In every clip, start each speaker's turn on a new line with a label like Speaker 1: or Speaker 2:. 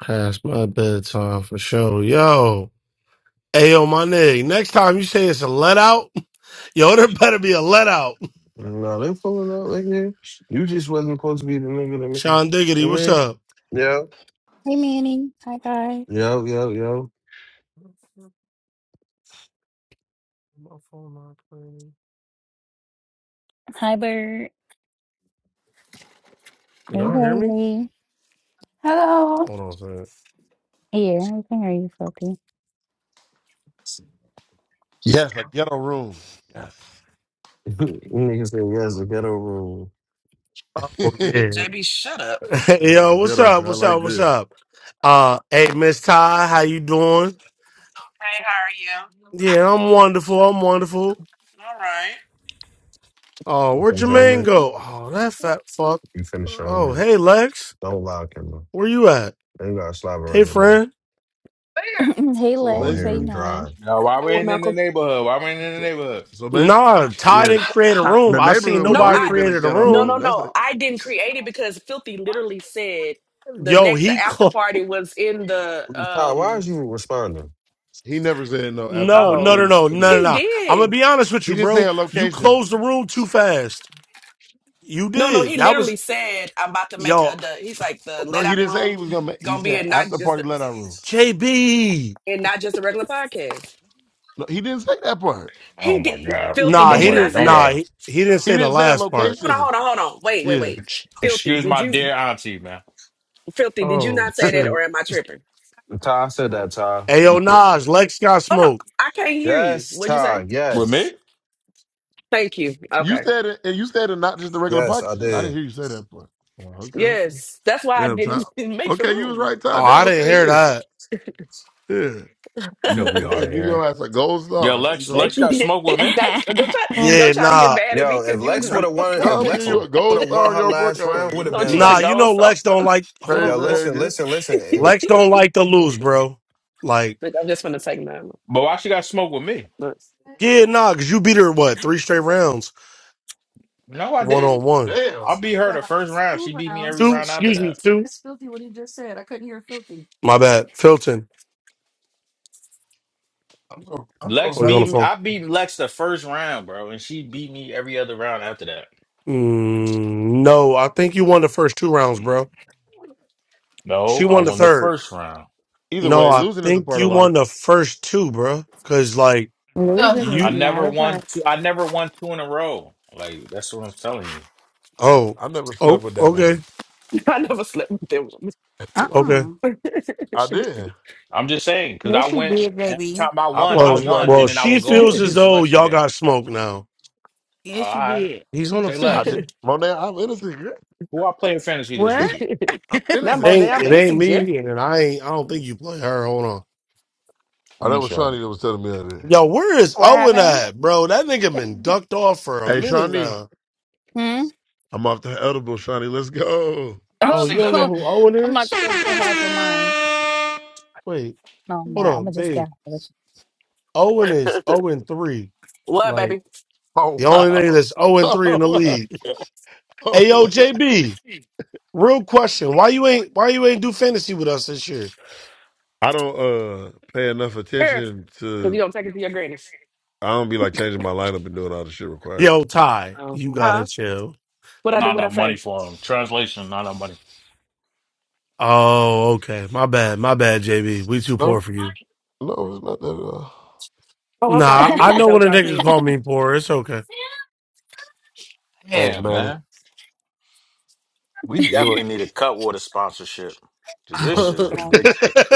Speaker 1: Past my bedtime for sure. Yo. Ayo, my nigga. Next time you say it's a let out, yo, there better be a let out.
Speaker 2: No, they pulling up like that. You just wasn't supposed to be the nigga to me.
Speaker 1: Sean
Speaker 2: I
Speaker 1: Diggity, what's
Speaker 2: mean,
Speaker 1: up?
Speaker 2: yeah,
Speaker 3: Hey Manny. Hi Guy.
Speaker 2: yo, yo, yo.
Speaker 1: My phone not playing.
Speaker 3: Hi Bird.
Speaker 1: Can
Speaker 3: Hey
Speaker 1: Y'all hear me?
Speaker 3: Haley.
Speaker 4: Hello.
Speaker 1: Hold on a second.
Speaker 3: Yeah, we can hear you, Sophie.
Speaker 5: Yes, a ghetto room. Yes.
Speaker 2: Nigga said, yes, the ghetto rule.
Speaker 1: Oh
Speaker 5: this
Speaker 1: yeah.
Speaker 6: JB, shut up.
Speaker 5: is
Speaker 1: yo,
Speaker 5: some
Speaker 1: what's
Speaker 5: ghetto
Speaker 1: up?
Speaker 5: shit. I
Speaker 1: What's up?
Speaker 5: like
Speaker 1: What's
Speaker 5: this.
Speaker 1: up? Uh hey Miss Ty, how you doing?
Speaker 6: Hey, how are you?
Speaker 1: Yeah, I'm wonderful. I'm wonderful.
Speaker 6: All right.
Speaker 1: Oh,
Speaker 2: You
Speaker 1: where'd
Speaker 2: finish your
Speaker 1: Jermaine
Speaker 2: homework,
Speaker 1: go? Oh, that fat fuck.
Speaker 2: you finish your
Speaker 1: Oh,
Speaker 2: homework.
Speaker 1: hey Lex.
Speaker 2: Don't lie, Kendall.
Speaker 1: Where you at?
Speaker 2: They ain't got to slap
Speaker 1: Hey
Speaker 2: around right now.
Speaker 1: friend.
Speaker 3: hey
Speaker 5: So
Speaker 2: All
Speaker 3: Lex.
Speaker 2: here
Speaker 3: Hey
Speaker 2: is
Speaker 5: basically,
Speaker 3: Naj.
Speaker 2: dry.
Speaker 7: No,
Speaker 6: I
Speaker 7: why
Speaker 6: don't know
Speaker 7: we
Speaker 6: what
Speaker 7: ain't in the
Speaker 6: Malcolm.
Speaker 7: neighborhood? Why we ain't in the
Speaker 5: so,
Speaker 7: neighborhood?
Speaker 5: so basically,
Speaker 1: Nah, Ty
Speaker 5: yeah, the,
Speaker 1: didn't create a
Speaker 5: I-
Speaker 1: room.
Speaker 5: the
Speaker 1: I seen
Speaker 5: neighborhood would have
Speaker 6: No,
Speaker 1: nobody
Speaker 5: really
Speaker 6: I
Speaker 5: been
Speaker 2: Dry.
Speaker 5: a
Speaker 1: created a
Speaker 5: ghetto
Speaker 6: no
Speaker 1: room.
Speaker 6: no
Speaker 5: room. That's
Speaker 6: no.
Speaker 5: a,
Speaker 6: I didn't create it because Filthy literally said the
Speaker 1: Yo,
Speaker 6: next the
Speaker 1: he
Speaker 6: after
Speaker 1: clo-
Speaker 6: party was in the
Speaker 2: Ty, why is
Speaker 6: um
Speaker 2: you responding?
Speaker 5: he never said no after
Speaker 1: no,
Speaker 5: party
Speaker 1: no, no,
Speaker 6: oh
Speaker 5: ends
Speaker 1: no, no, no,
Speaker 5: anyway.
Speaker 6: he
Speaker 1: no. I'm gonna
Speaker 6: did.
Speaker 1: be honest with
Speaker 5: He
Speaker 1: you,
Speaker 5: didn't say
Speaker 1: bro.
Speaker 5: a
Speaker 1: You
Speaker 5: location.
Speaker 1: closed the room too fast. You
Speaker 6: No, no, he
Speaker 1: did. That
Speaker 6: literally
Speaker 1: was
Speaker 6: said I'm about to make
Speaker 1: yo,
Speaker 6: a the he's like the
Speaker 5: No,
Speaker 6: let
Speaker 5: he
Speaker 6: out
Speaker 5: didn't say he
Speaker 6: room
Speaker 5: was gonna. Make, he
Speaker 6: gonna be
Speaker 5: said
Speaker 6: in not
Speaker 5: after
Speaker 6: just
Speaker 5: party let out room.
Speaker 1: JB.
Speaker 6: and not just a regular podcast.
Speaker 5: No, he didn't say that part.
Speaker 7: Oh
Speaker 6: He did
Speaker 7: my God.
Speaker 6: filthy,
Speaker 1: Nah,
Speaker 6: did
Speaker 7: Don't
Speaker 6: you
Speaker 1: he
Speaker 7: worry.
Speaker 6: not
Speaker 1: didn't.
Speaker 6: say
Speaker 7: Don't
Speaker 1: Nah,
Speaker 6: that?
Speaker 7: worry.
Speaker 1: he, he didn't
Speaker 5: He
Speaker 1: say the
Speaker 5: didn't say a
Speaker 1: last part.
Speaker 6: Hold on,
Speaker 5: location.
Speaker 6: hold on, hold on. Wait, wait,
Speaker 5: Yeah,
Speaker 6: wait.
Speaker 7: Ex-
Speaker 6: Filthy,
Speaker 7: Excuse
Speaker 6: did
Speaker 7: my
Speaker 6: you
Speaker 7: dear auntie, man.
Speaker 6: filthy, did you
Speaker 1: Oh
Speaker 6: not say that
Speaker 1: shit.
Speaker 6: or am I tripping?
Speaker 2: Ty, I said that, Ty.
Speaker 1: Ayo, yo,
Speaker 7: You sure?
Speaker 1: Nas, Lex got
Speaker 6: Hold on.
Speaker 1: smoke.
Speaker 6: I can't hear you.
Speaker 2: Yes,
Speaker 6: What'd you say?
Speaker 2: Ty,
Speaker 7: With me?
Speaker 2: yes.
Speaker 6: Thank you.
Speaker 5: you
Speaker 6: Okay.
Speaker 5: said it, and you said it not just the regular
Speaker 2: Yes, I
Speaker 5: podcast. I didn't
Speaker 2: did.
Speaker 5: hear you say that part. Oh, okay, okay.
Speaker 6: Yes. That's why I
Speaker 5: Yeah,
Speaker 6: didn't
Speaker 5: Todd.
Speaker 6: make the
Speaker 5: Okay, you was
Speaker 6: room.
Speaker 5: right,
Speaker 1: Oh,
Speaker 5: Todd. Down.
Speaker 1: I didn't
Speaker 5: Okay,
Speaker 1: hear
Speaker 5: here.
Speaker 1: that.
Speaker 5: Yeah.
Speaker 7: You know we
Speaker 5: I'm gonna
Speaker 7: hard of
Speaker 5: give
Speaker 7: hearing.
Speaker 5: your ass a gold
Speaker 7: Yeah,
Speaker 5: star. You
Speaker 7: Lex
Speaker 6: Thank
Speaker 5: gonna-
Speaker 7: Lex got
Speaker 6: you.
Speaker 7: smoked with me.
Speaker 6: Don't, don't try
Speaker 8: Mm,
Speaker 6: don't
Speaker 1: Yeah,
Speaker 6: try to get
Speaker 1: nah,
Speaker 6: mad at me
Speaker 2: Yo,
Speaker 6: because
Speaker 2: if
Speaker 6: you was
Speaker 2: Lex
Speaker 5: you
Speaker 6: wrong.
Speaker 2: would
Speaker 5: get-
Speaker 2: have won, if
Speaker 5: No, I'm gonna give
Speaker 2: Lex
Speaker 1: Hold
Speaker 2: would
Speaker 5: you
Speaker 1: on.
Speaker 5: a gold
Speaker 2: have
Speaker 5: star
Speaker 2: won
Speaker 5: on
Speaker 2: her
Speaker 5: your book
Speaker 2: last
Speaker 5: card,
Speaker 2: round, would
Speaker 5: girl.
Speaker 2: have
Speaker 6: don't you want
Speaker 1: nah.
Speaker 2: been,
Speaker 6: to
Speaker 1: You
Speaker 6: go
Speaker 1: know
Speaker 6: so
Speaker 1: Lex don't like. Hold on,
Speaker 5: Crazy
Speaker 2: yo,
Speaker 1: hold-
Speaker 5: ass,
Speaker 2: listen,
Speaker 5: girl.
Speaker 2: listen, listen.
Speaker 1: Lex don't like to lose, bro. Like.
Speaker 6: Look, I'm just gonna take mine.
Speaker 7: But why she got smoked with me?
Speaker 6: Look,
Speaker 1: Yeah, nah, cause you beat her what three straight rounds,
Speaker 7: No, I
Speaker 1: one on
Speaker 7: didn't.
Speaker 1: one.
Speaker 7: I
Speaker 5: Damn.
Speaker 7: beat her the first round. She beat me every
Speaker 1: Two,
Speaker 7: round after
Speaker 1: excuse me,
Speaker 7: that.
Speaker 1: two. My bad, Filton
Speaker 5: I'm so I'm
Speaker 7: Lex
Speaker 5: so
Speaker 1: was on
Speaker 7: beat
Speaker 1: the
Speaker 7: me.
Speaker 5: happy.
Speaker 1: phone.
Speaker 7: I beat Lex the first round, bro, and she beat me every other round after that.
Speaker 1: Mm, no, I think you won the first two rounds, bro. She
Speaker 7: No, I
Speaker 1: won the
Speaker 7: won the
Speaker 1: third.
Speaker 7: first round.
Speaker 5: Either
Speaker 1: No,
Speaker 5: way,
Speaker 1: I
Speaker 5: losing is a
Speaker 1: think
Speaker 5: part
Speaker 1: you
Speaker 5: of
Speaker 1: won
Speaker 5: life.
Speaker 1: the first two, bro. Cause like
Speaker 8: Losing
Speaker 4: Ugh.
Speaker 7: I
Speaker 8: is
Speaker 1: you,
Speaker 8: not
Speaker 7: never
Speaker 8: a
Speaker 7: won
Speaker 8: part.
Speaker 7: two I never won two in a row. Like that's what I'm telling you.
Speaker 1: oh,
Speaker 5: I never slept
Speaker 1: oh,
Speaker 5: with that
Speaker 1: okay,
Speaker 5: woman.
Speaker 6: I never slept with them.
Speaker 8: Uh
Speaker 1: okay.
Speaker 8: uh
Speaker 5: I did.
Speaker 7: I'm just saying because I
Speaker 8: Yes, you
Speaker 7: went
Speaker 8: did,
Speaker 7: and every
Speaker 8: baby.
Speaker 7: time I
Speaker 5: I
Speaker 7: won, I
Speaker 1: Well,
Speaker 5: promise you I
Speaker 7: won,
Speaker 1: well,
Speaker 7: and then
Speaker 5: did.
Speaker 7: I
Speaker 1: she
Speaker 7: would go up
Speaker 1: feels as
Speaker 7: against
Speaker 1: though
Speaker 7: Lex
Speaker 1: y'all
Speaker 7: again.
Speaker 1: got smoked now.
Speaker 7: All
Speaker 8: Yes, you
Speaker 7: right,
Speaker 8: did.
Speaker 1: He's on the
Speaker 7: say
Speaker 5: I
Speaker 7: less.
Speaker 5: did
Speaker 1: phone.
Speaker 5: Monet, I'm innocent, girl.
Speaker 7: Who I play in fantasy this
Speaker 8: What?
Speaker 7: week?
Speaker 5: I'm
Speaker 6: no
Speaker 1: It
Speaker 6: more
Speaker 5: innocent.
Speaker 1: ain't
Speaker 6: damn
Speaker 1: it ain't
Speaker 6: innocent gear.
Speaker 1: me, and I ain't. I don't think you play her. Hold on.
Speaker 7: I'm
Speaker 5: Oh, that
Speaker 7: gonna
Speaker 5: was
Speaker 7: show you.
Speaker 5: Shawnee that was telling me that. is.
Speaker 1: Yo, where is
Speaker 3: What
Speaker 1: Owen
Speaker 3: happened?
Speaker 1: at, bro? That nigga been ducked off for a
Speaker 5: Hey
Speaker 1: minute
Speaker 5: Shawnee,
Speaker 1: now.
Speaker 3: Hmm?
Speaker 5: I'm off the edible, Shawnee. Let's go.
Speaker 6: I'm
Speaker 1: Oh, you
Speaker 6: sick
Speaker 1: don't
Speaker 6: of
Speaker 1: know
Speaker 6: it.
Speaker 3: Oh,
Speaker 1: who Owen
Speaker 3: I'm about to
Speaker 1: is?
Speaker 3: go get half of mine.
Speaker 1: Wait,
Speaker 3: No, I'm
Speaker 1: hold
Speaker 3: not. I'm
Speaker 1: on,
Speaker 3: gonna just
Speaker 1: babe.
Speaker 3: get half of
Speaker 1: Owen is zero and three.
Speaker 6: What,
Speaker 1: Like
Speaker 6: baby?
Speaker 5: Oh
Speaker 1: the only nigga that's zero
Speaker 5: wow.
Speaker 1: and three in the league.
Speaker 5: Oh,
Speaker 1: Hey, yo,
Speaker 5: wow.
Speaker 1: JB.
Speaker 3: it.
Speaker 1: Real question: Why you ain't Why you ain't do fantasy with us this year?
Speaker 5: I don't uh pay enough
Speaker 6: Here,
Speaker 5: attention
Speaker 6: cause you
Speaker 5: to.
Speaker 6: don't take it to your grannies.
Speaker 5: I don't be like changing my lineup and doing all the shit required.
Speaker 1: Yo, Ty,
Speaker 6: Oh,
Speaker 1: you gotta
Speaker 6: huh?
Speaker 1: chill.
Speaker 6: What I do?
Speaker 7: Not
Speaker 6: What I
Speaker 7: enough money
Speaker 6: say?
Speaker 7: for him. Translation, not enough money.
Speaker 1: Oh, okay. My bad. My bad, JB. We too poor
Speaker 5: No,
Speaker 1: for you.
Speaker 5: no, it's not that at all.
Speaker 6: Oh, I'm not
Speaker 1: Nah,
Speaker 6: on
Speaker 1: I
Speaker 6: mute. Is
Speaker 1: know
Speaker 6: that
Speaker 1: when
Speaker 6: what
Speaker 1: a
Speaker 6: y'all
Speaker 1: nigga
Speaker 6: saying?
Speaker 1: call me poor. It's okay.
Speaker 5: Hey,
Speaker 7: Damn,
Speaker 5: Manny,
Speaker 7: man. We
Speaker 5: you are.
Speaker 7: definitely need a Cutwater sponsorship. 'Cause This
Speaker 5: Uh,
Speaker 7: shit is
Speaker 3: Oh,
Speaker 7: ridiculous.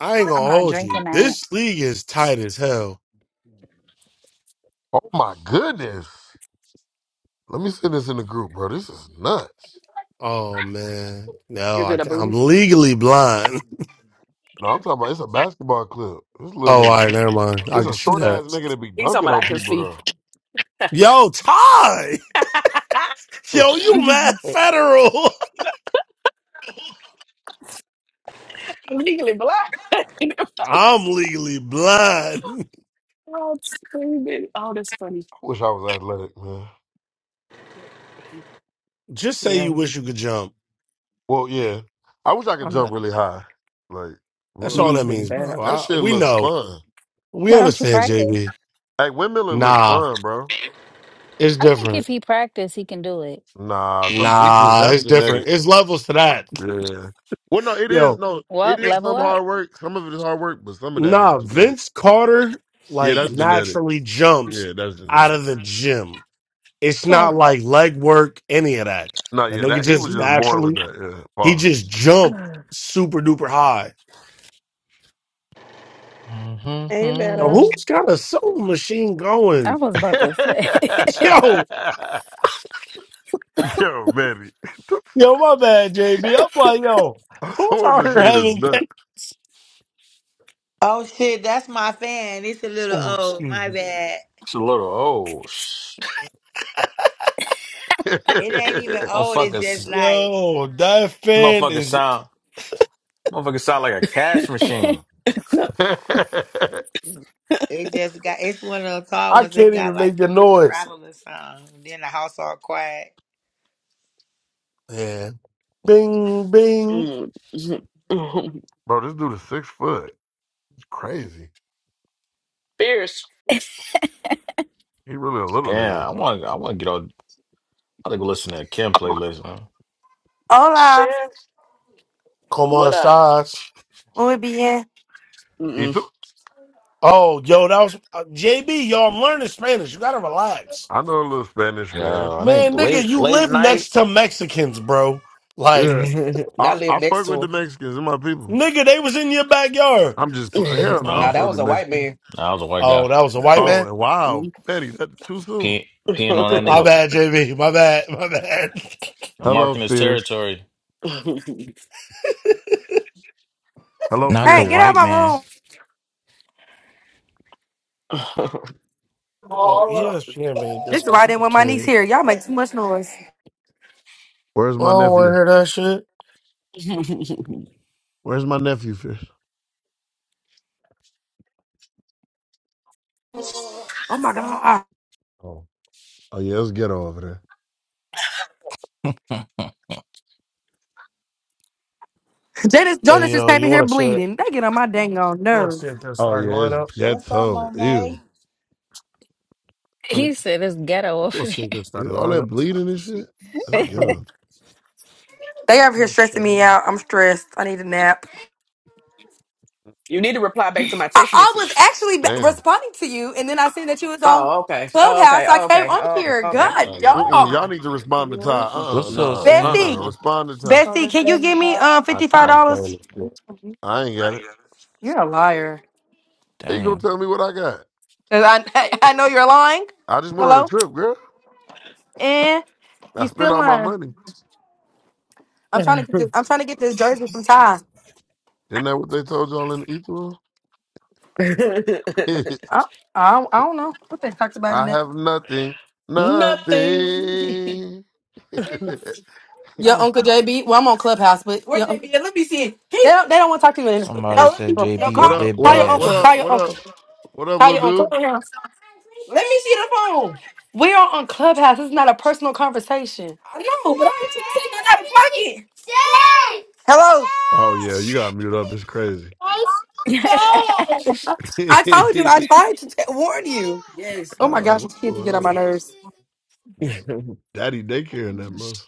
Speaker 1: I ain't
Speaker 3: I'm
Speaker 1: gonna
Speaker 3: not
Speaker 1: hold you.
Speaker 3: drinking that.
Speaker 1: This league is tight as hell.
Speaker 5: oh my goodness! Let me send this in the group, bro. This is nuts.
Speaker 1: Oh man, no,
Speaker 6: Is
Speaker 1: I
Speaker 6: it a
Speaker 1: can't. I'm
Speaker 6: booty?
Speaker 1: legally blind.
Speaker 5: No, I'm talking about it's a basketball clip. This little
Speaker 1: Oh, all right,
Speaker 5: nigga,
Speaker 1: never mind. I
Speaker 5: it's
Speaker 1: can
Speaker 5: a
Speaker 1: see
Speaker 5: short
Speaker 1: that.
Speaker 5: ass nigga that be
Speaker 6: He's talking
Speaker 5: dunking
Speaker 6: about I
Speaker 5: on
Speaker 6: can see.
Speaker 5: people
Speaker 1: Yo, Ty,
Speaker 5: though.
Speaker 1: yo, you mad
Speaker 5: I
Speaker 1: federal?
Speaker 6: I'm legally blind.
Speaker 1: I'm legally blind.
Speaker 6: oh, it's screaming. Oh, that's funny.
Speaker 5: wish I was athletic, man.
Speaker 1: Just say
Speaker 6: Yeah,
Speaker 1: you wish you could jump.
Speaker 5: Well, yeah, I wish I could
Speaker 1: All
Speaker 5: jump
Speaker 1: right.
Speaker 5: really high. Like,
Speaker 1: That's all
Speaker 5: what?
Speaker 6: knees
Speaker 1: that
Speaker 6: been
Speaker 1: means,
Speaker 6: bad.
Speaker 1: bro.
Speaker 5: That
Speaker 1: I,
Speaker 5: shit
Speaker 1: we
Speaker 5: look
Speaker 1: know.
Speaker 5: fun.
Speaker 1: We
Speaker 3: Why don't you
Speaker 1: understand,
Speaker 3: practice?
Speaker 1: JB.
Speaker 5: Hey, windmilling look
Speaker 1: Nah,
Speaker 5: fun, bro.
Speaker 1: it's
Speaker 3: I think
Speaker 1: different.
Speaker 3: if he practice, he can do it.
Speaker 5: Nah, some it's just
Speaker 1: Nah,
Speaker 5: that's
Speaker 1: it's different.
Speaker 5: genetic.
Speaker 1: It's levels to that.
Speaker 5: Yeah. Well, no, it
Speaker 1: yo.
Speaker 5: is. No,
Speaker 3: Well,
Speaker 5: it is
Speaker 3: level
Speaker 5: some
Speaker 3: up.
Speaker 5: hard work. Some of it is hard work, but some of that is
Speaker 1: Nah,
Speaker 5: genetic.
Speaker 1: Vince Carter
Speaker 5: Yeah,
Speaker 1: like
Speaker 5: that's
Speaker 1: naturally
Speaker 5: genetics.
Speaker 1: jumps
Speaker 5: Yeah, that's
Speaker 1: out of the
Speaker 5: genetics.
Speaker 1: gym. It's
Speaker 6: Oh,
Speaker 1: not like leg work, any of that.
Speaker 5: No,
Speaker 1: That
Speaker 5: yeah,
Speaker 1: nigga
Speaker 5: that he
Speaker 1: just
Speaker 5: was just born with
Speaker 1: naturally
Speaker 5: that. Yeah,
Speaker 1: he
Speaker 5: pause.
Speaker 1: just jump
Speaker 6: God.
Speaker 1: super duper high.
Speaker 6: Hey,
Speaker 1: Yo,
Speaker 6: better.
Speaker 7: Mm-hmm.
Speaker 1: who's got a soul machine
Speaker 3: I
Speaker 1: going?
Speaker 3: was about to say.
Speaker 1: Yo,
Speaker 5: Yo, man, what the
Speaker 1: yo,
Speaker 5: fuck?
Speaker 1: my bad, JB. I'm like, yo,
Speaker 5: Our
Speaker 1: who's
Speaker 5: sewing
Speaker 1: out here
Speaker 5: machine is
Speaker 1: having
Speaker 5: nuts.
Speaker 1: cake?
Speaker 9: Oh shit, that's my fan. It's a little
Speaker 1: Oh,
Speaker 9: old.
Speaker 1: excuse
Speaker 9: My
Speaker 1: me.
Speaker 9: bad.
Speaker 7: It's a little oh sh-
Speaker 9: It ain't even old. It's just
Speaker 7: motherfuckers
Speaker 9: like
Speaker 1: Yo, that fan
Speaker 7: motherfuckers
Speaker 1: is
Speaker 7: sound motherfuckers sound like a cash machine.
Speaker 9: it just got. It's one of the tall
Speaker 1: I
Speaker 9: ones. It
Speaker 1: can't
Speaker 9: got
Speaker 1: even make
Speaker 9: like a
Speaker 1: the
Speaker 9: little
Speaker 1: noise.
Speaker 9: rattle or something. Then the house all quiet.
Speaker 1: Yeah. Bing bing.
Speaker 6: Mm, mm, mm.
Speaker 5: Bro, this dude is six foot. It's crazy.
Speaker 6: Fierce.
Speaker 5: He really a little nigga.
Speaker 7: Yeah, I want I wanna get on I gotta go listen to Kim playlist,
Speaker 6: Chef,
Speaker 10: Hola,
Speaker 1: Come
Speaker 6: what
Speaker 1: on,
Speaker 6: up?
Speaker 1: stars.
Speaker 10: when we be in.
Speaker 5: He
Speaker 6: Mm-mm.
Speaker 5: took.
Speaker 1: Oh, yo, that was uh, JB. Yo, I'm learning Spanish. You gotta relax,
Speaker 5: I know a little Spanish
Speaker 7: Yeah,
Speaker 5: man.
Speaker 7: I think
Speaker 1: man, nigga.
Speaker 7: late
Speaker 1: You
Speaker 7: late
Speaker 1: live
Speaker 7: night.
Speaker 1: next to Mexicans, bro.
Speaker 5: Yeah.
Speaker 1: Like,
Speaker 5: I,
Speaker 6: Not live
Speaker 5: I
Speaker 6: next
Speaker 5: fuck with the
Speaker 6: to
Speaker 5: Mexicans and my people.
Speaker 1: nigga, they was in your backyard.
Speaker 5: I'm just
Speaker 6: him.
Speaker 5: playing. Hell no, I don't
Speaker 6: Now
Speaker 7: No,
Speaker 5: fuck
Speaker 6: that
Speaker 5: with the
Speaker 6: was a white
Speaker 5: Mexicans.
Speaker 6: man.
Speaker 7: no, I was a white
Speaker 1: Oh,
Speaker 7: guy.
Speaker 1: that was a white
Speaker 5: Oh,
Speaker 1: man.
Speaker 5: and wow, Betty, that's too soon.
Speaker 7: Peeing, peeing on that
Speaker 1: My
Speaker 7: nigga,
Speaker 1: bad, JB. My bad. My bad.
Speaker 5: Hello,
Speaker 7: marking his
Speaker 5: Fierce.
Speaker 7: territory.
Speaker 5: Hello,
Speaker 11: Not the
Speaker 10: Hey,
Speaker 5: Fierce.
Speaker 10: get out of
Speaker 11: white
Speaker 10: my
Speaker 11: man.
Speaker 10: room.
Speaker 1: yo, ESPN made
Speaker 10: This
Speaker 1: this
Speaker 10: is why I didn't want my niece
Speaker 1: complicated.
Speaker 10: here. Y'all make too much noise.
Speaker 5: Where's
Speaker 1: I
Speaker 5: my
Speaker 1: don't want to
Speaker 5: nephew?
Speaker 1: hear that shit.
Speaker 5: Where's my nephew, Fierce?
Speaker 10: Oh my god.
Speaker 5: Oh, oh yeah, it's ghetto over there.
Speaker 10: Janice Jonas
Speaker 1: Hey,
Speaker 10: just
Speaker 1: yo,
Speaker 10: came
Speaker 1: you
Speaker 10: in here
Speaker 1: want to check?
Speaker 10: bleeding. They get on my dang on
Speaker 1: You want to see
Speaker 10: nerves.
Speaker 1: their
Speaker 5: Oh
Speaker 1: starting
Speaker 5: yeah, it's
Speaker 1: lineup,
Speaker 9: What's up,
Speaker 5: ghetto. Ew,
Speaker 9: Monet?
Speaker 3: he
Speaker 1: honey?
Speaker 3: said it's ghetto
Speaker 1: You
Speaker 3: over
Speaker 1: want to see their starting
Speaker 5: Ew, all that
Speaker 1: lineup?
Speaker 5: bleeding and shit. That's
Speaker 3: there.
Speaker 6: Mm.
Speaker 5: ghetto.
Speaker 10: They over
Speaker 1: Let
Speaker 10: here
Speaker 1: me
Speaker 10: stressing
Speaker 1: show
Speaker 10: me
Speaker 1: you.
Speaker 10: out. I'm stressed. I need a nap.
Speaker 6: You need to reply back to my
Speaker 10: I,
Speaker 6: text
Speaker 10: I was
Speaker 6: message.
Speaker 10: actually b-
Speaker 5: Damn.
Speaker 10: responding to you, and then I seen that you was on
Speaker 6: Oh, okay. Oh, okay.
Speaker 10: Clubhouse. I
Speaker 6: Oh,
Speaker 10: came
Speaker 6: okay.
Speaker 10: on
Speaker 6: Oh, okay.
Speaker 1: That's
Speaker 10: here.
Speaker 1: not
Speaker 6: Okay.
Speaker 10: God,
Speaker 1: starting lineup.
Speaker 5: Mm-mm,
Speaker 10: dog.
Speaker 5: y'all need to respond to Ty. Uh-uh,
Speaker 11: What's up,
Speaker 5: nuh-uh,
Speaker 1: No,
Speaker 11: Sam?
Speaker 5: uh-uh.
Speaker 10: Bestie,
Speaker 6: Mm-mm.
Speaker 5: Respond to Ty.
Speaker 10: Bestie, can you give me
Speaker 9: Uh,
Speaker 10: um
Speaker 1: I
Speaker 10: fifty
Speaker 1: think
Speaker 10: five
Speaker 1: I'm
Speaker 10: dollars?
Speaker 1: playing this.
Speaker 5: I ain't got it.
Speaker 10: You're a liar.
Speaker 5: How you gonna
Speaker 11: Damn.
Speaker 5: tell me what I got?
Speaker 10: 'Cause I I know you're lying.
Speaker 5: I just went on a
Speaker 10: Hello,
Speaker 5: trip, girl.
Speaker 10: and
Speaker 5: I
Speaker 10: you
Speaker 5: spent
Speaker 10: still
Speaker 5: all my
Speaker 10: lying.
Speaker 5: money.
Speaker 10: I'm trying to get
Speaker 6: Uh-uh.
Speaker 10: this. I'm trying to get this jersey from Ty.
Speaker 5: Isn't that what they told y'all in the ether?
Speaker 10: I, I, don't- I don't know what they talked about in
Speaker 5: I
Speaker 10: that.
Speaker 5: have nothing,
Speaker 6: Nothing.
Speaker 5: nothing.
Speaker 10: Your
Speaker 6: oh.
Speaker 10: uncle JB. Well, I'm on Clubhouse, but Where your JB? uncle- Let me see it. He- they don't. They don't want to talk to you in this.
Speaker 11: Somebody
Speaker 10: No, let me.
Speaker 11: said
Speaker 10: No,
Speaker 11: JB
Speaker 5: what
Speaker 11: is
Speaker 10: call,
Speaker 5: up?
Speaker 11: Dib
Speaker 5: What
Speaker 10: call your
Speaker 5: up? What
Speaker 10: uncle.
Speaker 11: Dash.
Speaker 5: up?
Speaker 10: Call your
Speaker 5: What up?
Speaker 10: uncle.
Speaker 5: What up,
Speaker 10: Call
Speaker 5: little
Speaker 10: your
Speaker 5: dude?
Speaker 10: uncle. Let me see the phone. We are on Clubhouse. This is not a personal conversation. I know, but I ain't trying to take nothing out of pocket. Hello.
Speaker 5: Oh yeah, you got muted up. It's crazy.
Speaker 10: I told you. I tried to t- warn you. Yes. Oh my
Speaker 5: nah,
Speaker 10: gosh, these
Speaker 5: what's
Speaker 10: kids
Speaker 5: going
Speaker 10: get on my
Speaker 5: on?
Speaker 10: nerves.
Speaker 5: Just daddy daycare in that mother.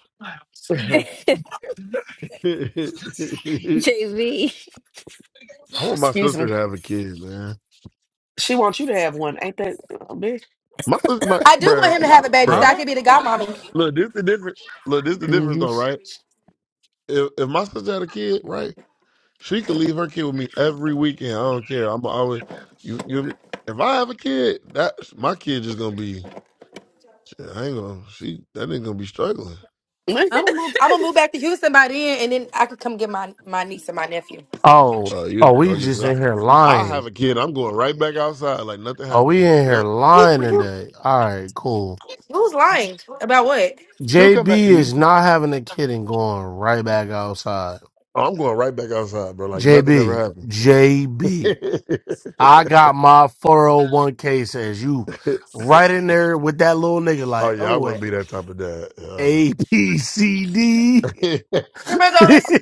Speaker 3: JV,
Speaker 5: I want my
Speaker 6: Excuse
Speaker 5: sister
Speaker 6: me.
Speaker 5: to have a kid, man.
Speaker 6: She wants you to have one, ain't that a bitch?
Speaker 5: My sister, like,
Speaker 10: I do want
Speaker 5: bruh,
Speaker 10: him to have a
Speaker 5: look-
Speaker 10: baby so I
Speaker 5: bruh.
Speaker 11: Huh?
Speaker 10: could be the godmommy.
Speaker 5: Look, this the difference. Look, this the difference,
Speaker 6: hmm
Speaker 5: though, right? If if my sister had a kid, right? She could leave her kid with me every weekend. I don't care. I'm always you. You. If I have a kid, that's my kid just gonna be. shit, I ain't gonna. She that ain't gonna be struggling.
Speaker 10: I'm gonna move. I'm gonna move back to Houston by then, and then I could come get my my niece and my nephew.
Speaker 1: Oh,
Speaker 5: Uh, you.
Speaker 1: oh, we
Speaker 5: Oh yeah.
Speaker 1: just
Speaker 5: 'cause
Speaker 1: in here
Speaker 5: I, I
Speaker 1: lying.
Speaker 5: have a kid. I'm going right back outside like nothing
Speaker 1: Oh, we
Speaker 5: happened.
Speaker 1: in here
Speaker 5: Yep.
Speaker 10: Who
Speaker 1: lying
Speaker 10: who
Speaker 1: today. All right, cool.
Speaker 10: who's lying about what?
Speaker 5: She'll come
Speaker 1: JB
Speaker 5: back to
Speaker 1: is
Speaker 5: Houston.
Speaker 1: not having a kid and going right back outside.
Speaker 5: Oh, I'm going right back outside, bro. Like nothing ever
Speaker 1: JB,
Speaker 5: happened.
Speaker 1: JB, I got my 401k says you right in there with that little nigga
Speaker 5: oh
Speaker 1: like,
Speaker 5: yeah, I
Speaker 1: oh,
Speaker 5: wouldn't
Speaker 1: at
Speaker 5: be that type of dad. you know what I mean?
Speaker 1: A, B, C, D.
Speaker 10: Can I go. This.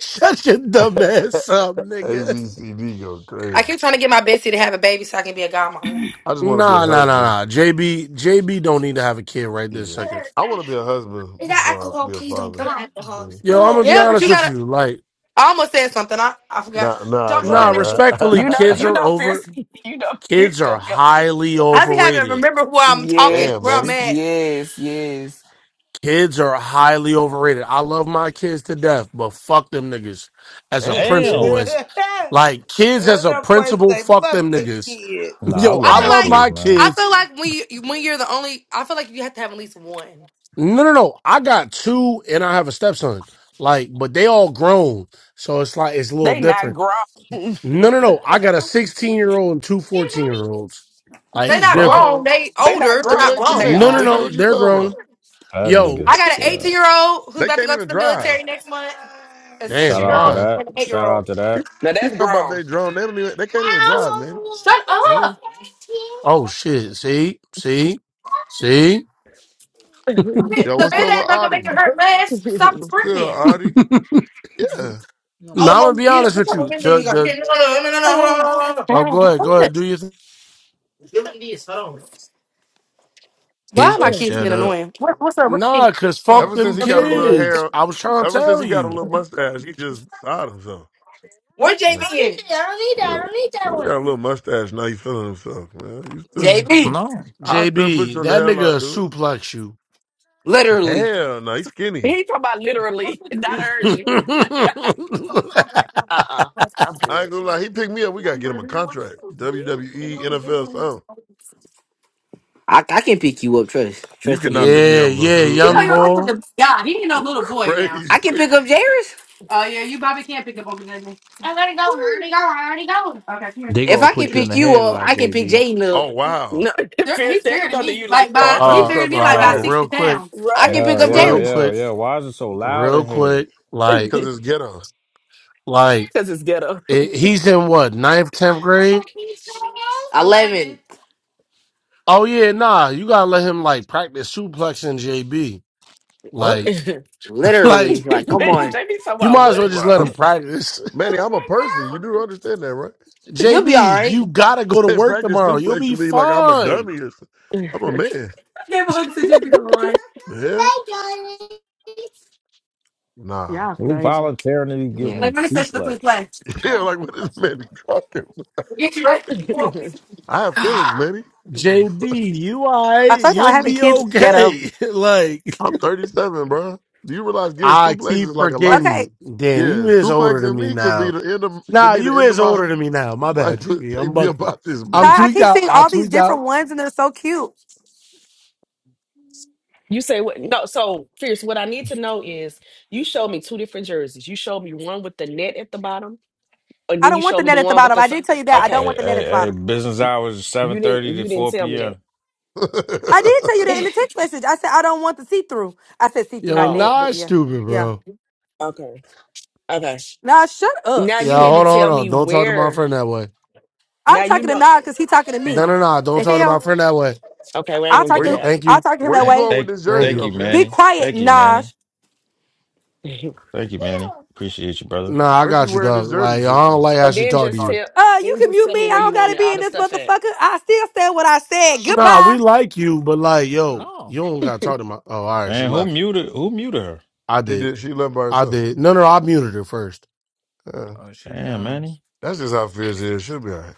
Speaker 1: Shut your dumb ass up, nigga.
Speaker 5: ABCD go
Speaker 10: I
Speaker 5: crazy.
Speaker 10: keep trying to get my Bessie to have a baby so I can be a godmommy.
Speaker 5: I just want to be a
Speaker 1: Nah, nah, nah,
Speaker 5: husband.
Speaker 1: nah. JB, JB don't need to have a kid right this
Speaker 5: Yeah.
Speaker 1: second.
Speaker 5: I want to be a husband
Speaker 10: Is that
Speaker 5: before I
Speaker 10: alcohol?
Speaker 5: be a
Speaker 10: Please don't
Speaker 5: father.
Speaker 10: get alcohol.
Speaker 5: Mhm.
Speaker 10: No,
Speaker 1: Yo, I'm
Speaker 10: no,
Speaker 1: gonna
Speaker 10: it's-
Speaker 1: be
Speaker 10: yeah, but
Speaker 1: honest
Speaker 10: you
Speaker 1: with
Speaker 10: gotta.
Speaker 1: you. Like,
Speaker 10: I almost said something. I I forgot.
Speaker 5: Nah, nah,
Speaker 10: Don't look at
Speaker 1: nah,
Speaker 10: an empty.
Speaker 5: nah.
Speaker 1: respectfully,
Speaker 6: you know,
Speaker 1: kids
Speaker 6: you
Speaker 1: are
Speaker 6: know, fierce.
Speaker 1: over.
Speaker 6: You know,
Speaker 1: Kids
Speaker 6: fierce
Speaker 1: are
Speaker 6: gonna go.
Speaker 1: highly
Speaker 10: I be having to
Speaker 1: overrated.
Speaker 10: remember where I'm talking,
Speaker 6: Yes,
Speaker 5: Damn,
Speaker 10: where I'm
Speaker 5: Manny.
Speaker 10: at.
Speaker 6: yes, yes.
Speaker 1: Kids are highly overrated. I love my kids to death, but fuck them niggas. As a
Speaker 5: Damn.
Speaker 1: principal,
Speaker 7: Damn.
Speaker 1: as like kids as a
Speaker 9: that boy
Speaker 1: principal,
Speaker 9: say,
Speaker 1: fuck
Speaker 9: "Fuck
Speaker 1: them
Speaker 9: them
Speaker 1: niggas.
Speaker 9: kids."
Speaker 7: Nah, I
Speaker 1: Yo,
Speaker 7: love
Speaker 10: I
Speaker 1: I
Speaker 10: feel
Speaker 7: my
Speaker 1: love
Speaker 10: like
Speaker 7: kids,
Speaker 1: my
Speaker 7: man.
Speaker 10: I
Speaker 1: kids.
Speaker 10: feel like when you when you're the only. I feel like you have to have at least one.
Speaker 1: No, no, no. I got two, and I have a stepson. Like, but they all grown, so it's like it's a little
Speaker 6: They not
Speaker 1: different.
Speaker 6: grown. they
Speaker 1: No, no, no. I got a 16 year old and two 14 year olds. Like,
Speaker 10: They're
Speaker 1: it's
Speaker 10: not
Speaker 1: different.
Speaker 10: grown.
Speaker 5: Wrong.
Speaker 10: They
Speaker 6: not
Speaker 10: older. They're
Speaker 6: grown.
Speaker 5: Nigga,
Speaker 10: not
Speaker 5: they
Speaker 6: They
Speaker 10: grown.
Speaker 1: No,
Speaker 5: teenagers.
Speaker 1: no,
Speaker 5: Nigga,
Speaker 6: older.
Speaker 1: no.
Speaker 5: what you
Speaker 1: They're
Speaker 5: talking about?
Speaker 1: grown.
Speaker 7: That
Speaker 1: Yo,
Speaker 10: I
Speaker 7: niggas.
Speaker 10: got an
Speaker 7: Uh,
Speaker 10: 18 year old who's
Speaker 5: They
Speaker 10: about to
Speaker 5: can't
Speaker 10: go to
Speaker 5: even
Speaker 10: the
Speaker 5: drive.
Speaker 10: military next month, a six
Speaker 7: shout
Speaker 1: damn,
Speaker 10: year
Speaker 7: out to
Speaker 10: old,
Speaker 1: why?
Speaker 7: that.
Speaker 10: and an eight year
Speaker 7: Shout
Speaker 10: old.
Speaker 7: out to
Speaker 5: He,
Speaker 7: that.
Speaker 6: Now
Speaker 5: he
Speaker 6: that's
Speaker 5: talking about
Speaker 6: grown.
Speaker 5: they drone. They don't even. They can't even drive, man.
Speaker 10: Shut
Speaker 5: Yeah.
Speaker 10: up.
Speaker 1: Oh shit. See? See? See?
Speaker 6: Oh,
Speaker 10: Bi-
Speaker 5: Yo,
Speaker 10: The
Speaker 5: what's
Speaker 10: band
Speaker 5: up with
Speaker 10: aid's not gonna make
Speaker 5: Audie?
Speaker 10: it hurt less. Stop
Speaker 5: Sure,
Speaker 10: screaming.
Speaker 5: Audie.
Speaker 1: now I'm
Speaker 5: Yeah.
Speaker 10: Oh, mom,
Speaker 1: gonna be
Speaker 10: get it.
Speaker 1: honest
Speaker 10: What
Speaker 1: with
Speaker 10: kind of
Speaker 1: you.
Speaker 10: band aid
Speaker 1: The
Speaker 10: you got? Here,
Speaker 1: the
Speaker 10: No, no, no, no, no, no, no, no.
Speaker 1: oh go ahead, go ahead, do your thing.
Speaker 10: What? Why are
Speaker 11: Here's
Speaker 10: my
Speaker 11: the
Speaker 10: kids
Speaker 11: shut
Speaker 10: being
Speaker 11: up.
Speaker 10: annoying? What, what's up? What's up?
Speaker 1: Nah, cause fuck
Speaker 10: Huh.
Speaker 5: Ever since
Speaker 1: them
Speaker 5: he got a little
Speaker 1: kids.
Speaker 5: hair,
Speaker 1: I was trying to
Speaker 5: ever since
Speaker 1: tell
Speaker 5: he got a
Speaker 1: you.
Speaker 5: little mustache, he just beside himself.
Speaker 10: Where JB
Speaker 5: Like,
Speaker 10: is? I don't need that. I
Speaker 5: yeah.
Speaker 10: don't need
Speaker 5: he
Speaker 10: that one.
Speaker 5: Got a little mustache. Now he feeling himself, man. Used to.
Speaker 6: yes.
Speaker 10: JB.
Speaker 11: No.
Speaker 5: I'll still put you
Speaker 1: JB,
Speaker 5: on the
Speaker 1: that nigga
Speaker 5: headlock, dude.
Speaker 1: suplex you.
Speaker 10: Literally.
Speaker 5: Hell no, he's
Speaker 6: he
Speaker 5: skinny.
Speaker 6: talking about
Speaker 10: I,
Speaker 6: literally, not
Speaker 5: He-
Speaker 6: urge Uh uh-uh. uh. i am
Speaker 5: I
Speaker 6: good.
Speaker 5: ain't gonna lie, he picked me up. We gotta get him a contract. WWE, NFL, something.
Speaker 10: I can pick you up, trust.
Speaker 5: You
Speaker 10: Trust and
Speaker 5: cannot pick
Speaker 10: believe.
Speaker 5: me
Speaker 1: yeah,
Speaker 5: up, little
Speaker 1: yeah,
Speaker 5: dude. Are you
Speaker 1: young
Speaker 5: cra-
Speaker 1: boy.
Speaker 10: I can
Speaker 5: crazy?
Speaker 10: pick up Jairus. Oh yeah, you probably can't pick up on the Okay, come here.
Speaker 11: They
Speaker 10: If
Speaker 11: gonna
Speaker 10: I can
Speaker 11: put you in
Speaker 10: pick
Speaker 11: the
Speaker 10: you up,
Speaker 11: headlock,
Speaker 10: I can pick
Speaker 11: JB.
Speaker 10: Jaden up.
Speaker 5: Oh wow.
Speaker 6: No,
Speaker 10: There-
Speaker 6: fierce
Speaker 10: he's bigger
Speaker 6: damn
Speaker 10: than
Speaker 6: don't do
Speaker 10: me.
Speaker 6: you like
Speaker 10: Like
Speaker 5: Oh,
Speaker 6: that.
Speaker 5: I
Speaker 10: by
Speaker 5: thought he
Speaker 10: he's
Speaker 5: was
Speaker 1: Uh
Speaker 10: bigger than
Speaker 5: talking
Speaker 10: me
Speaker 5: about
Speaker 10: like by
Speaker 1: uh
Speaker 6: Right,
Speaker 10: sixty
Speaker 1: real
Speaker 5: fierce.
Speaker 1: quick,
Speaker 10: pounds. I can
Speaker 6: right.
Speaker 10: pick
Speaker 7: Yeah,
Speaker 10: up
Speaker 7: yeah,
Speaker 1: real
Speaker 10: Jairus.
Speaker 7: yeah,
Speaker 1: quick,
Speaker 7: yeah. Why is it so loud
Speaker 1: real
Speaker 7: in here?
Speaker 1: quick, like
Speaker 5: Cause it's ghetto.
Speaker 1: like
Speaker 6: Because it's ghetto.
Speaker 1: it, he's in what, ninth, tenth grade?
Speaker 10: Eleven.
Speaker 1: Oh yeah, nah. You gotta let him like practice suplexing JB.
Speaker 5: What?
Speaker 1: Like,
Speaker 6: Jamie,
Speaker 10: Literally.
Speaker 1: like
Speaker 10: Like, come on.
Speaker 6: talking
Speaker 1: you
Speaker 6: about
Speaker 1: might as
Speaker 6: what?
Speaker 1: well just
Speaker 5: Like,
Speaker 1: let
Speaker 5: I'm,
Speaker 1: him
Speaker 7: Who's
Speaker 1: practice.
Speaker 5: Manny, I'm a person. You do understand that, right?
Speaker 10: You'll be all
Speaker 1: JB,
Speaker 10: right.
Speaker 1: you gotta
Speaker 5: He
Speaker 1: go to
Speaker 5: said
Speaker 1: work
Speaker 5: practice
Speaker 1: tomorrow. You'll
Speaker 5: suplex to
Speaker 1: be
Speaker 5: me like I'm a
Speaker 1: fine.
Speaker 5: dummy or something. I'm a man.
Speaker 10: Give hugs and you'll be all right.
Speaker 5: Yeah? Nah.
Speaker 6: Y'all
Speaker 7: who
Speaker 6: crazy.
Speaker 7: voluntarily
Speaker 10: Yeah.
Speaker 7: getting
Speaker 10: Like, let me finish this we
Speaker 7: suplexed?
Speaker 10: play.
Speaker 5: Yeah, like what is Manny talking?
Speaker 10: Get you ready.
Speaker 5: I have feelings, Manny. What the fuck?
Speaker 1: JB, you
Speaker 10: I
Speaker 1: alright?
Speaker 10: told y'all I
Speaker 1: You'll
Speaker 10: had the
Speaker 1: be
Speaker 10: kids is ghetto.
Speaker 1: okay. like,
Speaker 5: I'm 37, bro. Do you realize getting
Speaker 1: I
Speaker 5: suplex
Speaker 1: keep
Speaker 5: is like a life?
Speaker 10: Okay,
Speaker 1: forgetting. Damn, you
Speaker 5: Yeah,
Speaker 1: is older than
Speaker 5: suplexing
Speaker 1: me
Speaker 5: me could be
Speaker 1: now.
Speaker 5: the end of could
Speaker 1: Nah,
Speaker 5: be the
Speaker 1: you
Speaker 5: end of
Speaker 1: is
Speaker 5: my
Speaker 1: older than me now. My
Speaker 5: might
Speaker 1: bad,
Speaker 5: put
Speaker 1: JB. I'm
Speaker 5: take me
Speaker 1: bucking.
Speaker 5: about this
Speaker 1: I'm
Speaker 10: Ty, I
Speaker 5: bitch.
Speaker 1: tweaked
Speaker 10: keep
Speaker 1: out.
Speaker 10: seeing
Speaker 1: I
Speaker 10: all these
Speaker 1: tweaked
Speaker 10: different
Speaker 1: out.
Speaker 10: ones and they're so cute.
Speaker 6: you say what? No, so fierce. What I need to know is you showed me two different jerseys. You showed me one with the net at the bottom, and
Speaker 10: I
Speaker 6: then you
Speaker 10: don't want
Speaker 6: showed
Speaker 10: the
Speaker 6: me the
Speaker 10: net at the
Speaker 6: one with
Speaker 10: bottom.
Speaker 6: the.
Speaker 10: I
Speaker 6: s-
Speaker 10: did tell you that. I
Speaker 7: Hey,
Speaker 10: don't
Speaker 6: Okay,
Speaker 7: hey,
Speaker 10: want the net
Speaker 7: hey,
Speaker 10: at the
Speaker 7: hey,
Speaker 10: bottom.
Speaker 7: business hours seven
Speaker 6: you
Speaker 7: thirty
Speaker 6: didn't.
Speaker 7: to
Speaker 6: You didn't
Speaker 7: four
Speaker 6: tell me that.
Speaker 7: p.m.
Speaker 10: I did tell you that in the text message. I said I don't want the see through. I said see through,
Speaker 1: Yo,
Speaker 10: not
Speaker 6: Oh,
Speaker 10: net,
Speaker 1: nah,
Speaker 10: but
Speaker 1: it's
Speaker 10: yeah,
Speaker 1: stupid,
Speaker 10: yeah.
Speaker 1: bro.
Speaker 6: okay. Okay.
Speaker 10: Nah, shut up,
Speaker 6: Now
Speaker 1: Yeah,
Speaker 6: you need
Speaker 10: shit.
Speaker 6: to
Speaker 1: hold on, hold
Speaker 6: tell
Speaker 1: on.
Speaker 6: me
Speaker 1: Don't talk to my
Speaker 6: where.
Speaker 1: friend that way.
Speaker 6: Now
Speaker 10: I'm
Speaker 6: you
Speaker 10: talking to
Speaker 6: know.
Speaker 10: Nah because he talking to me.
Speaker 1: No, no, no. Don't
Speaker 10: The
Speaker 1: talk to my
Speaker 10: hell,
Speaker 1: friend that way.
Speaker 6: Okay, we ain't
Speaker 10: I
Speaker 6: gonna
Speaker 10: talk
Speaker 6: give
Speaker 5: where
Speaker 6: it
Speaker 10: to
Speaker 5: you
Speaker 6: out.
Speaker 1: Thank
Speaker 10: I
Speaker 1: you.
Speaker 10: talk to him
Speaker 5: where
Speaker 10: that
Speaker 5: you
Speaker 7: Hey,
Speaker 10: way.
Speaker 5: going with
Speaker 7: thank,
Speaker 5: this
Speaker 1: Thank
Speaker 5: jersey
Speaker 7: thank
Speaker 1: you.
Speaker 5: though,
Speaker 7: you,
Speaker 5: Fierce?
Speaker 10: Be
Speaker 7: Manny.
Speaker 10: quiet,
Speaker 7: Thank you, Manny.
Speaker 10: Naj.
Speaker 7: Thank you, Manny. Appreciate you, brother.
Speaker 1: Nah, I
Speaker 5: Where's she
Speaker 1: got you,
Speaker 5: wearing
Speaker 1: dog.
Speaker 5: this
Speaker 1: Like,
Speaker 5: jersey
Speaker 1: I
Speaker 5: to?
Speaker 1: don't like how
Speaker 6: so
Speaker 1: she
Speaker 6: then
Speaker 1: talked to
Speaker 6: just
Speaker 5: Oh.
Speaker 1: you.
Speaker 6: tell
Speaker 10: Uh, you
Speaker 6: then
Speaker 10: can
Speaker 6: just
Speaker 10: mute
Speaker 6: tell me
Speaker 10: me. I
Speaker 6: where
Speaker 10: don't
Speaker 6: you
Speaker 10: gotta
Speaker 6: wanted
Speaker 10: be
Speaker 6: all
Speaker 10: in
Speaker 6: the
Speaker 10: this
Speaker 6: stuff at.
Speaker 10: motherfucker. I still said what I said.
Speaker 1: Nah, we
Speaker 10: Goodbye.
Speaker 1: like you, but like, yo,
Speaker 11: No.
Speaker 1: you don't gotta talk to my. Oh, all right. She
Speaker 7: And who
Speaker 1: left.
Speaker 7: muted? Who muted her?
Speaker 1: I
Speaker 5: She
Speaker 1: did.
Speaker 5: did she left by
Speaker 1: I
Speaker 5: herself.
Speaker 1: did. No, no, no, I muted her first.
Speaker 5: Yeah.
Speaker 11: Oh, she
Speaker 7: Damn, Manny.
Speaker 11: bounced.
Speaker 5: That's just how Fierce is. She'll be all right.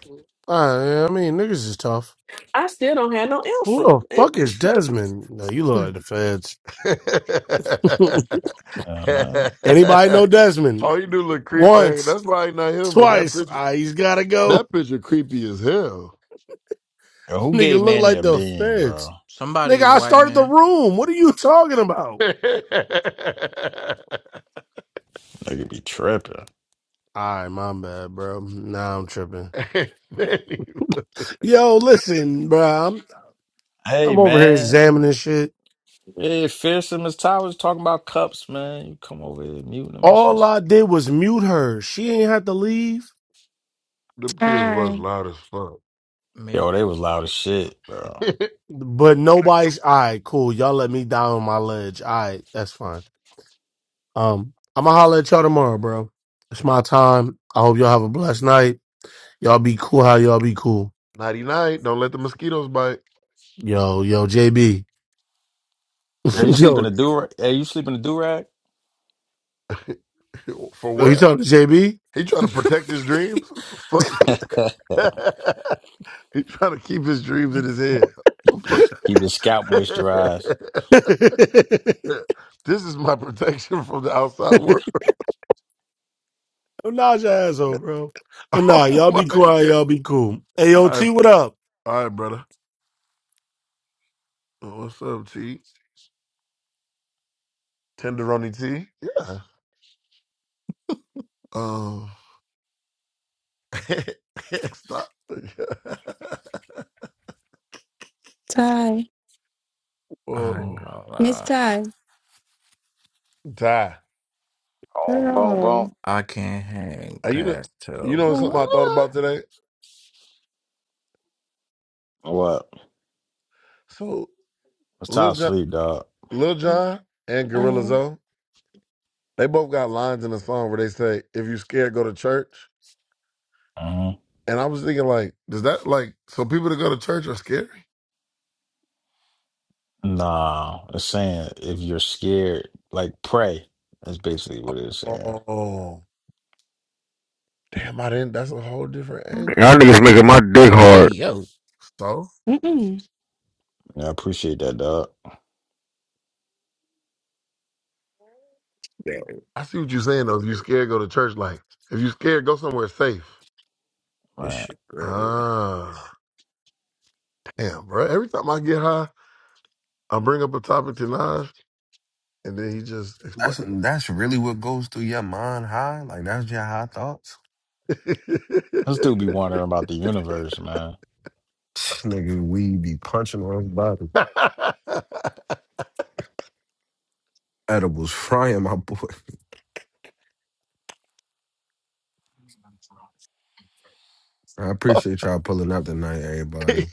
Speaker 1: Uh, I mean, niggas is tough.
Speaker 6: I still don't have no
Speaker 1: Who
Speaker 6: answer.
Speaker 1: the
Speaker 6: Eh,
Speaker 1: fuck is Desmond? No, you look like the feds.
Speaker 7: Yeah, man.
Speaker 1: Anybody know Desmond?
Speaker 5: All you do look creepy. Hey,
Speaker 1: Once,
Speaker 5: that's probably not him, but that
Speaker 1: twice.
Speaker 5: picture
Speaker 1: Ah, he's gotta go.
Speaker 5: that picture creepy as hell.
Speaker 7: Yo, who gave
Speaker 1: Nigga look
Speaker 7: Manny
Speaker 1: like
Speaker 7: a
Speaker 1: the
Speaker 7: bean,
Speaker 1: feds.
Speaker 7: bro?
Speaker 1: Nigga,
Speaker 11: Somebody's
Speaker 1: I
Speaker 11: white
Speaker 1: started the
Speaker 11: man.
Speaker 1: room. What are you talking about?
Speaker 7: Nigga be tripping.
Speaker 1: All right, my bad, bro. Nah, I'm tripping.
Speaker 5: Them
Speaker 1: Yo, listen, bro. I'm,
Speaker 7: Hey,
Speaker 1: I'm over here
Speaker 7: man.
Speaker 1: examining shit.
Speaker 7: Hey, Fierce and Miss Towers talking about cups, man. You come over here muting them and
Speaker 1: All
Speaker 7: shit.
Speaker 1: I did was mute her. She ain't had to leave.
Speaker 5: kids was
Speaker 8: Ty.
Speaker 5: loud as fuck.
Speaker 11: Maybe.
Speaker 7: Yo, they was loud as shit, bro.
Speaker 1: But nobody's. All right, cool. Y'all let me down on my ledge. All right, that's fine. Um, I'm going to holler at y'all tomorrow, bro. It's my time. I hope y'all have a blessed night. Y'all be cool how y'all be cool.
Speaker 5: Nighty night. Don't let the mosquitoes bite.
Speaker 1: Yo, yo, JB.
Speaker 7: Hey, you
Speaker 5: Yes.
Speaker 7: sleeping
Speaker 1: yo,
Speaker 7: a do? Hey, you sleeping a do rag?
Speaker 5: For
Speaker 1: are you
Speaker 5: what?
Speaker 1: talking to
Speaker 5: He trying to protect his dreams. What the fuck? he trying to keep his dreams in
Speaker 7: keep,
Speaker 5: his head. What
Speaker 7: his,
Speaker 5: the fuck?
Speaker 7: keep his scalp moisturized.
Speaker 1: JB?
Speaker 5: this is my protection from the outside world.
Speaker 1: Don't nod your asshole, bro. But
Speaker 5: Oh
Speaker 1: nah, y'all
Speaker 5: my
Speaker 1: be quiet.
Speaker 5: god.
Speaker 1: Y'all be cool.
Speaker 5: All right,
Speaker 1: AOT, what up?
Speaker 5: all right, brother. Uh, What's up, T? Tenderoni T? Yeah. Um. Stop.
Speaker 8: Ty,
Speaker 11: I ain't
Speaker 5: Whoa.
Speaker 11: gonna
Speaker 8: Miss
Speaker 11: lie.
Speaker 8: Ty.
Speaker 5: Die.
Speaker 7: Boom, boom,
Speaker 8: Girl.
Speaker 7: boom.
Speaker 11: I can't hang
Speaker 5: Uh, you know,
Speaker 11: past
Speaker 5: you
Speaker 11: 12
Speaker 5: know something I
Speaker 11: o'clock.
Speaker 5: thought about today.
Speaker 7: What?
Speaker 5: So
Speaker 7: Miss
Speaker 5: Lil
Speaker 7: Towers
Speaker 5: John,
Speaker 7: sleep, dog.
Speaker 5: Lil John and Gorilla
Speaker 8: Oh,
Speaker 5: Zoe, they both got lines in the song where they say, "If you scared, go to church."
Speaker 7: hmm
Speaker 5: And I was thinking, like, does that like so people that go to church are scary?
Speaker 7: Nah, it's saying if you're scared, like pray. That's basically what it's saying.
Speaker 5: Oh, damn! I didn't. That's a whole different
Speaker 12: Y'all
Speaker 5: angle.
Speaker 12: niggas making my dick hard.
Speaker 11: Hey, yo.
Speaker 5: So
Speaker 8: mm-mm.
Speaker 7: Yeah, I appreciate that, dog.
Speaker 11: Yeah,
Speaker 5: I see what you're saying though. If you scared, go to church. Like, if you scared, go somewhere safe.
Speaker 11: This
Speaker 7: Right?
Speaker 11: shit great.
Speaker 5: Ah, damn, bro. Every time I get high, I bring up a topic to Naj, and then he just
Speaker 2: That's
Speaker 5: explains.
Speaker 2: that's really what goes through your mind high. Like that's your high thoughts.
Speaker 7: I still be wondering about the universe, man.
Speaker 2: Nigga, we be punching on his body. Edibles frying my boy. I appreciate y'all pulling up tonight, everybody.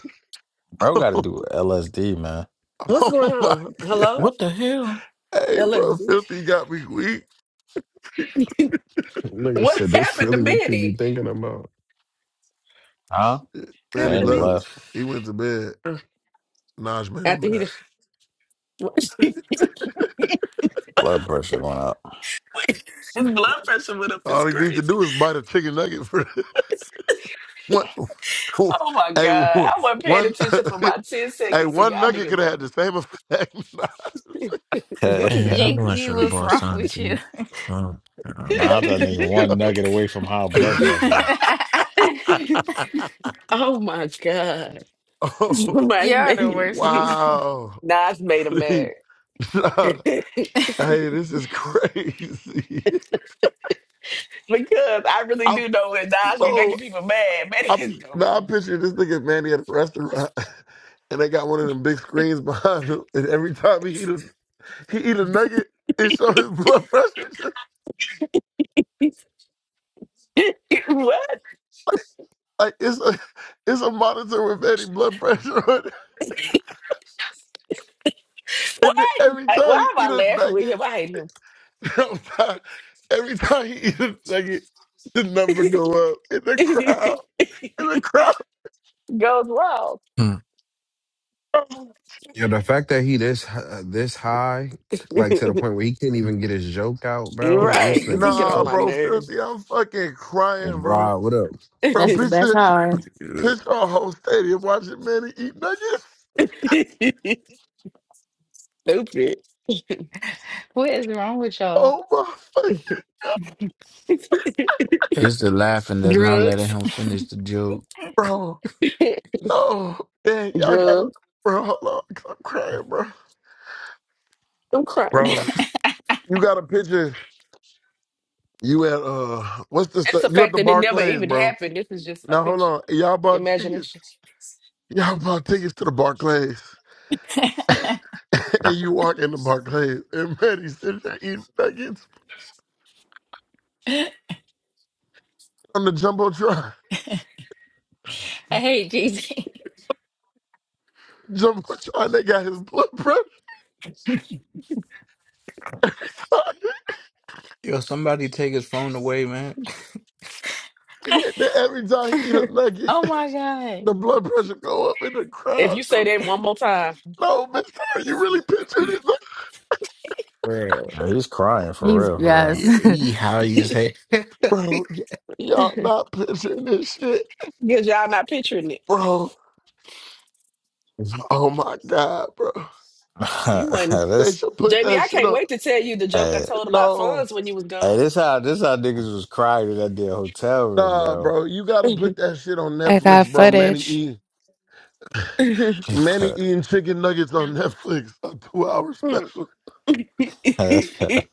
Speaker 7: Bro, got to
Speaker 5: oh,
Speaker 7: do LSD, man.
Speaker 6: What's going
Speaker 5: oh my
Speaker 6: on?
Speaker 5: god.
Speaker 6: Hello?
Speaker 11: What the hell?
Speaker 5: Hey bro,
Speaker 6: Elizabeth.
Speaker 5: Filthy got me weak.
Speaker 2: Nigga
Speaker 6: What
Speaker 2: said, "That's
Speaker 6: happened to
Speaker 2: really what you be
Speaker 6: Manny?
Speaker 2: thinking about."
Speaker 7: Huh?
Speaker 6: What
Speaker 5: Man, he
Speaker 6: happened
Speaker 7: Man,
Speaker 6: to
Speaker 7: he
Speaker 5: left.
Speaker 6: Manny?
Speaker 7: left.
Speaker 5: He went to bed.
Speaker 6: Uh,
Speaker 5: Naj made him
Speaker 6: after he
Speaker 5: mad.
Speaker 6: done- his
Speaker 7: Blood pressure going up.
Speaker 6: blood pressure went up is
Speaker 5: All he needs to
Speaker 6: crazy.
Speaker 5: do is bite a chicken nugget for one.
Speaker 6: Oh my
Speaker 5: Hey,
Speaker 6: god. I wasn't paying
Speaker 5: one.
Speaker 6: attention for about 10
Speaker 5: Hey,
Speaker 6: seconds, so
Speaker 5: one
Speaker 6: y'all
Speaker 5: nugget could have had the
Speaker 6: niggas.
Speaker 5: same effect. Nah.
Speaker 7: nah,
Speaker 11: And I knew I
Speaker 3: JV,
Speaker 11: should have
Speaker 3: what's
Speaker 11: bought
Speaker 3: wrong
Speaker 11: something
Speaker 3: with
Speaker 11: for
Speaker 3: you?
Speaker 11: you. Huh.
Speaker 7: that
Speaker 5: Hey,
Speaker 7: nigga one nugget away from high blood pressure.
Speaker 5: yo.
Speaker 6: oh my God.
Speaker 5: Oh,
Speaker 6: Somebody
Speaker 3: Y'all the
Speaker 6: made
Speaker 3: worst
Speaker 6: me.
Speaker 3: people.
Speaker 5: wow.
Speaker 6: Nas made him mad.
Speaker 5: Nah.
Speaker 6: because
Speaker 5: Hey, this is crazy.
Speaker 6: I really
Speaker 5: I'm
Speaker 6: do know that Nas be making
Speaker 5: so
Speaker 6: people mad. Man,
Speaker 5: I'm
Speaker 6: it's
Speaker 5: now I
Speaker 6: going-
Speaker 5: picture this nigga Manny at a restaurant and they got one of them big screens behind him and every time he eat a he eat a nugget, it shows his blood pressure just
Speaker 6: what?
Speaker 5: like it's a it's a monitor with Manny blood pressure on it.
Speaker 6: What?
Speaker 5: And then every
Speaker 6: Like,
Speaker 5: time he
Speaker 6: why am I
Speaker 5: eat a
Speaker 6: laughing with
Speaker 5: nugget,
Speaker 6: him? I
Speaker 5: I'm sorry, every time he eat a nugget, the number go up in the crowd.
Speaker 6: hate him.
Speaker 5: In the crowd.
Speaker 6: Goes wild.
Speaker 11: Um,
Speaker 2: Yeah, the fact that he this hi- uh, this high, like to the point where he can't even get his joke out,
Speaker 6: You're
Speaker 2: bro. These
Speaker 6: right, because he
Speaker 2: niggas
Speaker 6: get on
Speaker 5: Nah,
Speaker 2: cooked.
Speaker 6: my
Speaker 5: bro,
Speaker 6: nerves.
Speaker 5: filthy, I'm fucking crying, bro.
Speaker 2: Rob, what up?
Speaker 5: Bro,
Speaker 4: That's the
Speaker 5: bitch.
Speaker 4: best hard.
Speaker 11: hmm.
Speaker 5: Pitch a whole stadium watching Manny eat nuggets.
Speaker 6: Stupid.
Speaker 3: What is wrong with y'all?
Speaker 5: Oh my fucking
Speaker 11: It's the laughing that's not letting
Speaker 6: Drugs.
Speaker 11: him finish the joke.
Speaker 5: bro. No. Man, y'all gotta
Speaker 6: Drugs.
Speaker 5: bro, hold on. 'cause I'm crying, bro.
Speaker 6: I'm crying,
Speaker 5: Bro,
Speaker 3: I
Speaker 5: you got a picture. You at uh what's the
Speaker 6: It's
Speaker 5: stu
Speaker 6: the
Speaker 5: you at
Speaker 6: fact
Speaker 5: the
Speaker 6: that it never
Speaker 5: Barclays,
Speaker 6: even
Speaker 5: bro.
Speaker 6: happened. This is just a
Speaker 5: Now hold
Speaker 6: picture,
Speaker 5: on. Y'all bought
Speaker 6: imagination.
Speaker 5: tickets. Y'all bought tickets to the Barclays. and you walk in the Barclays and Manny sitting there eating nuggets on the Jumbotron.
Speaker 3: hate JV.
Speaker 5: Jumbotron, they got his blood pressure every time.
Speaker 11: Yo, somebody take his phone away, man.
Speaker 5: And then every time he eat a
Speaker 3: Oh
Speaker 5: nugget.
Speaker 3: my God.
Speaker 5: the blood pressure go up in the
Speaker 6: If
Speaker 5: crowd.
Speaker 6: you say that one more time,
Speaker 5: No, bitch, are you really picturing this?
Speaker 11: Bruh.
Speaker 7: Yeah, he's crying for
Speaker 4: These
Speaker 7: real, for
Speaker 4: guys.
Speaker 11: Yeah,
Speaker 4: oh
Speaker 11: he how you
Speaker 6: because
Speaker 11: say
Speaker 5: Bro, y- y'all not picturing this shit,
Speaker 6: y'all not picturing it,
Speaker 5: bro. Oh my God, bro.
Speaker 7: real.
Speaker 6: you wouldn't.
Speaker 5: They
Speaker 7: this,
Speaker 5: should put
Speaker 6: JB,
Speaker 5: that
Speaker 6: I
Speaker 5: shit
Speaker 6: can't
Speaker 5: on.
Speaker 6: wait to tell you the joke I
Speaker 7: hey,
Speaker 6: told about
Speaker 5: No,
Speaker 6: funds when you was gone.
Speaker 7: hey, this how this how niggas was crying in that damn hotel room,
Speaker 5: nah,
Speaker 7: bro.
Speaker 5: bro. You gotta put that shit on
Speaker 13: I got
Speaker 5: Netflix, bro. Manny
Speaker 13: footage.
Speaker 5: eating, Manny eating chicken nuggets on Netflix, a two-hour special.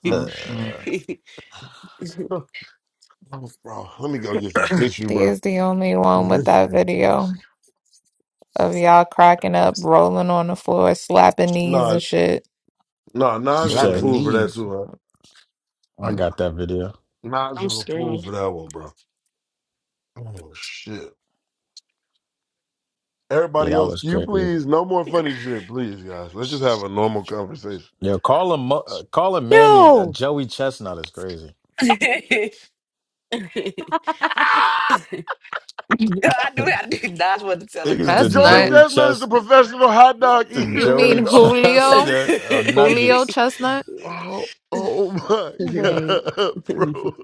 Speaker 11: Mm-mm.
Speaker 5: Oh, bro, let me go get some tissue,
Speaker 13: He
Speaker 5: bro.
Speaker 13: is the only
Speaker 5: Is
Speaker 13: one with
Speaker 5: that
Speaker 13: that
Speaker 5: shit?
Speaker 13: video of y'all cracking up, rolling on the floor, slapping knees
Speaker 5: Nah,
Speaker 13: and shit.
Speaker 5: nah,
Speaker 7: you
Speaker 5: Nas is a
Speaker 7: said
Speaker 11: slapping
Speaker 5: fool for that
Speaker 11: knees.
Speaker 5: too.
Speaker 7: I
Speaker 11: Mm.
Speaker 5: Huh?
Speaker 7: got that video.
Speaker 5: Nas is
Speaker 6: I'm
Speaker 5: a fool
Speaker 6: screaming.
Speaker 5: for that one, bro. Oh shit.
Speaker 7: Yeah,
Speaker 5: Everybody
Speaker 7: that
Speaker 5: else,
Speaker 7: was
Speaker 5: can you
Speaker 7: crazy.
Speaker 5: please no more funny shit, please, guys. Let's just have a normal conversation.
Speaker 7: Yo, call him, Mo- uh, call him Manny. Uh, Joey Chestnut is crazy.
Speaker 5: Ah!
Speaker 6: I knew I did not want to tell a
Speaker 7: Niggas the
Speaker 6: joke.
Speaker 5: Joey
Speaker 13: Chestnut?
Speaker 7: Joey
Speaker 5: Chestnut is a
Speaker 7: Chest,
Speaker 5: professional hot dog
Speaker 7: the
Speaker 13: You
Speaker 5: eater.
Speaker 7: Joey
Speaker 13: mean Julio?
Speaker 7: Chestnut of
Speaker 13: Julio
Speaker 7: Nuggets.
Speaker 13: Chestnut?
Speaker 5: oh, oh my
Speaker 14: Wait,
Speaker 5: god, bro.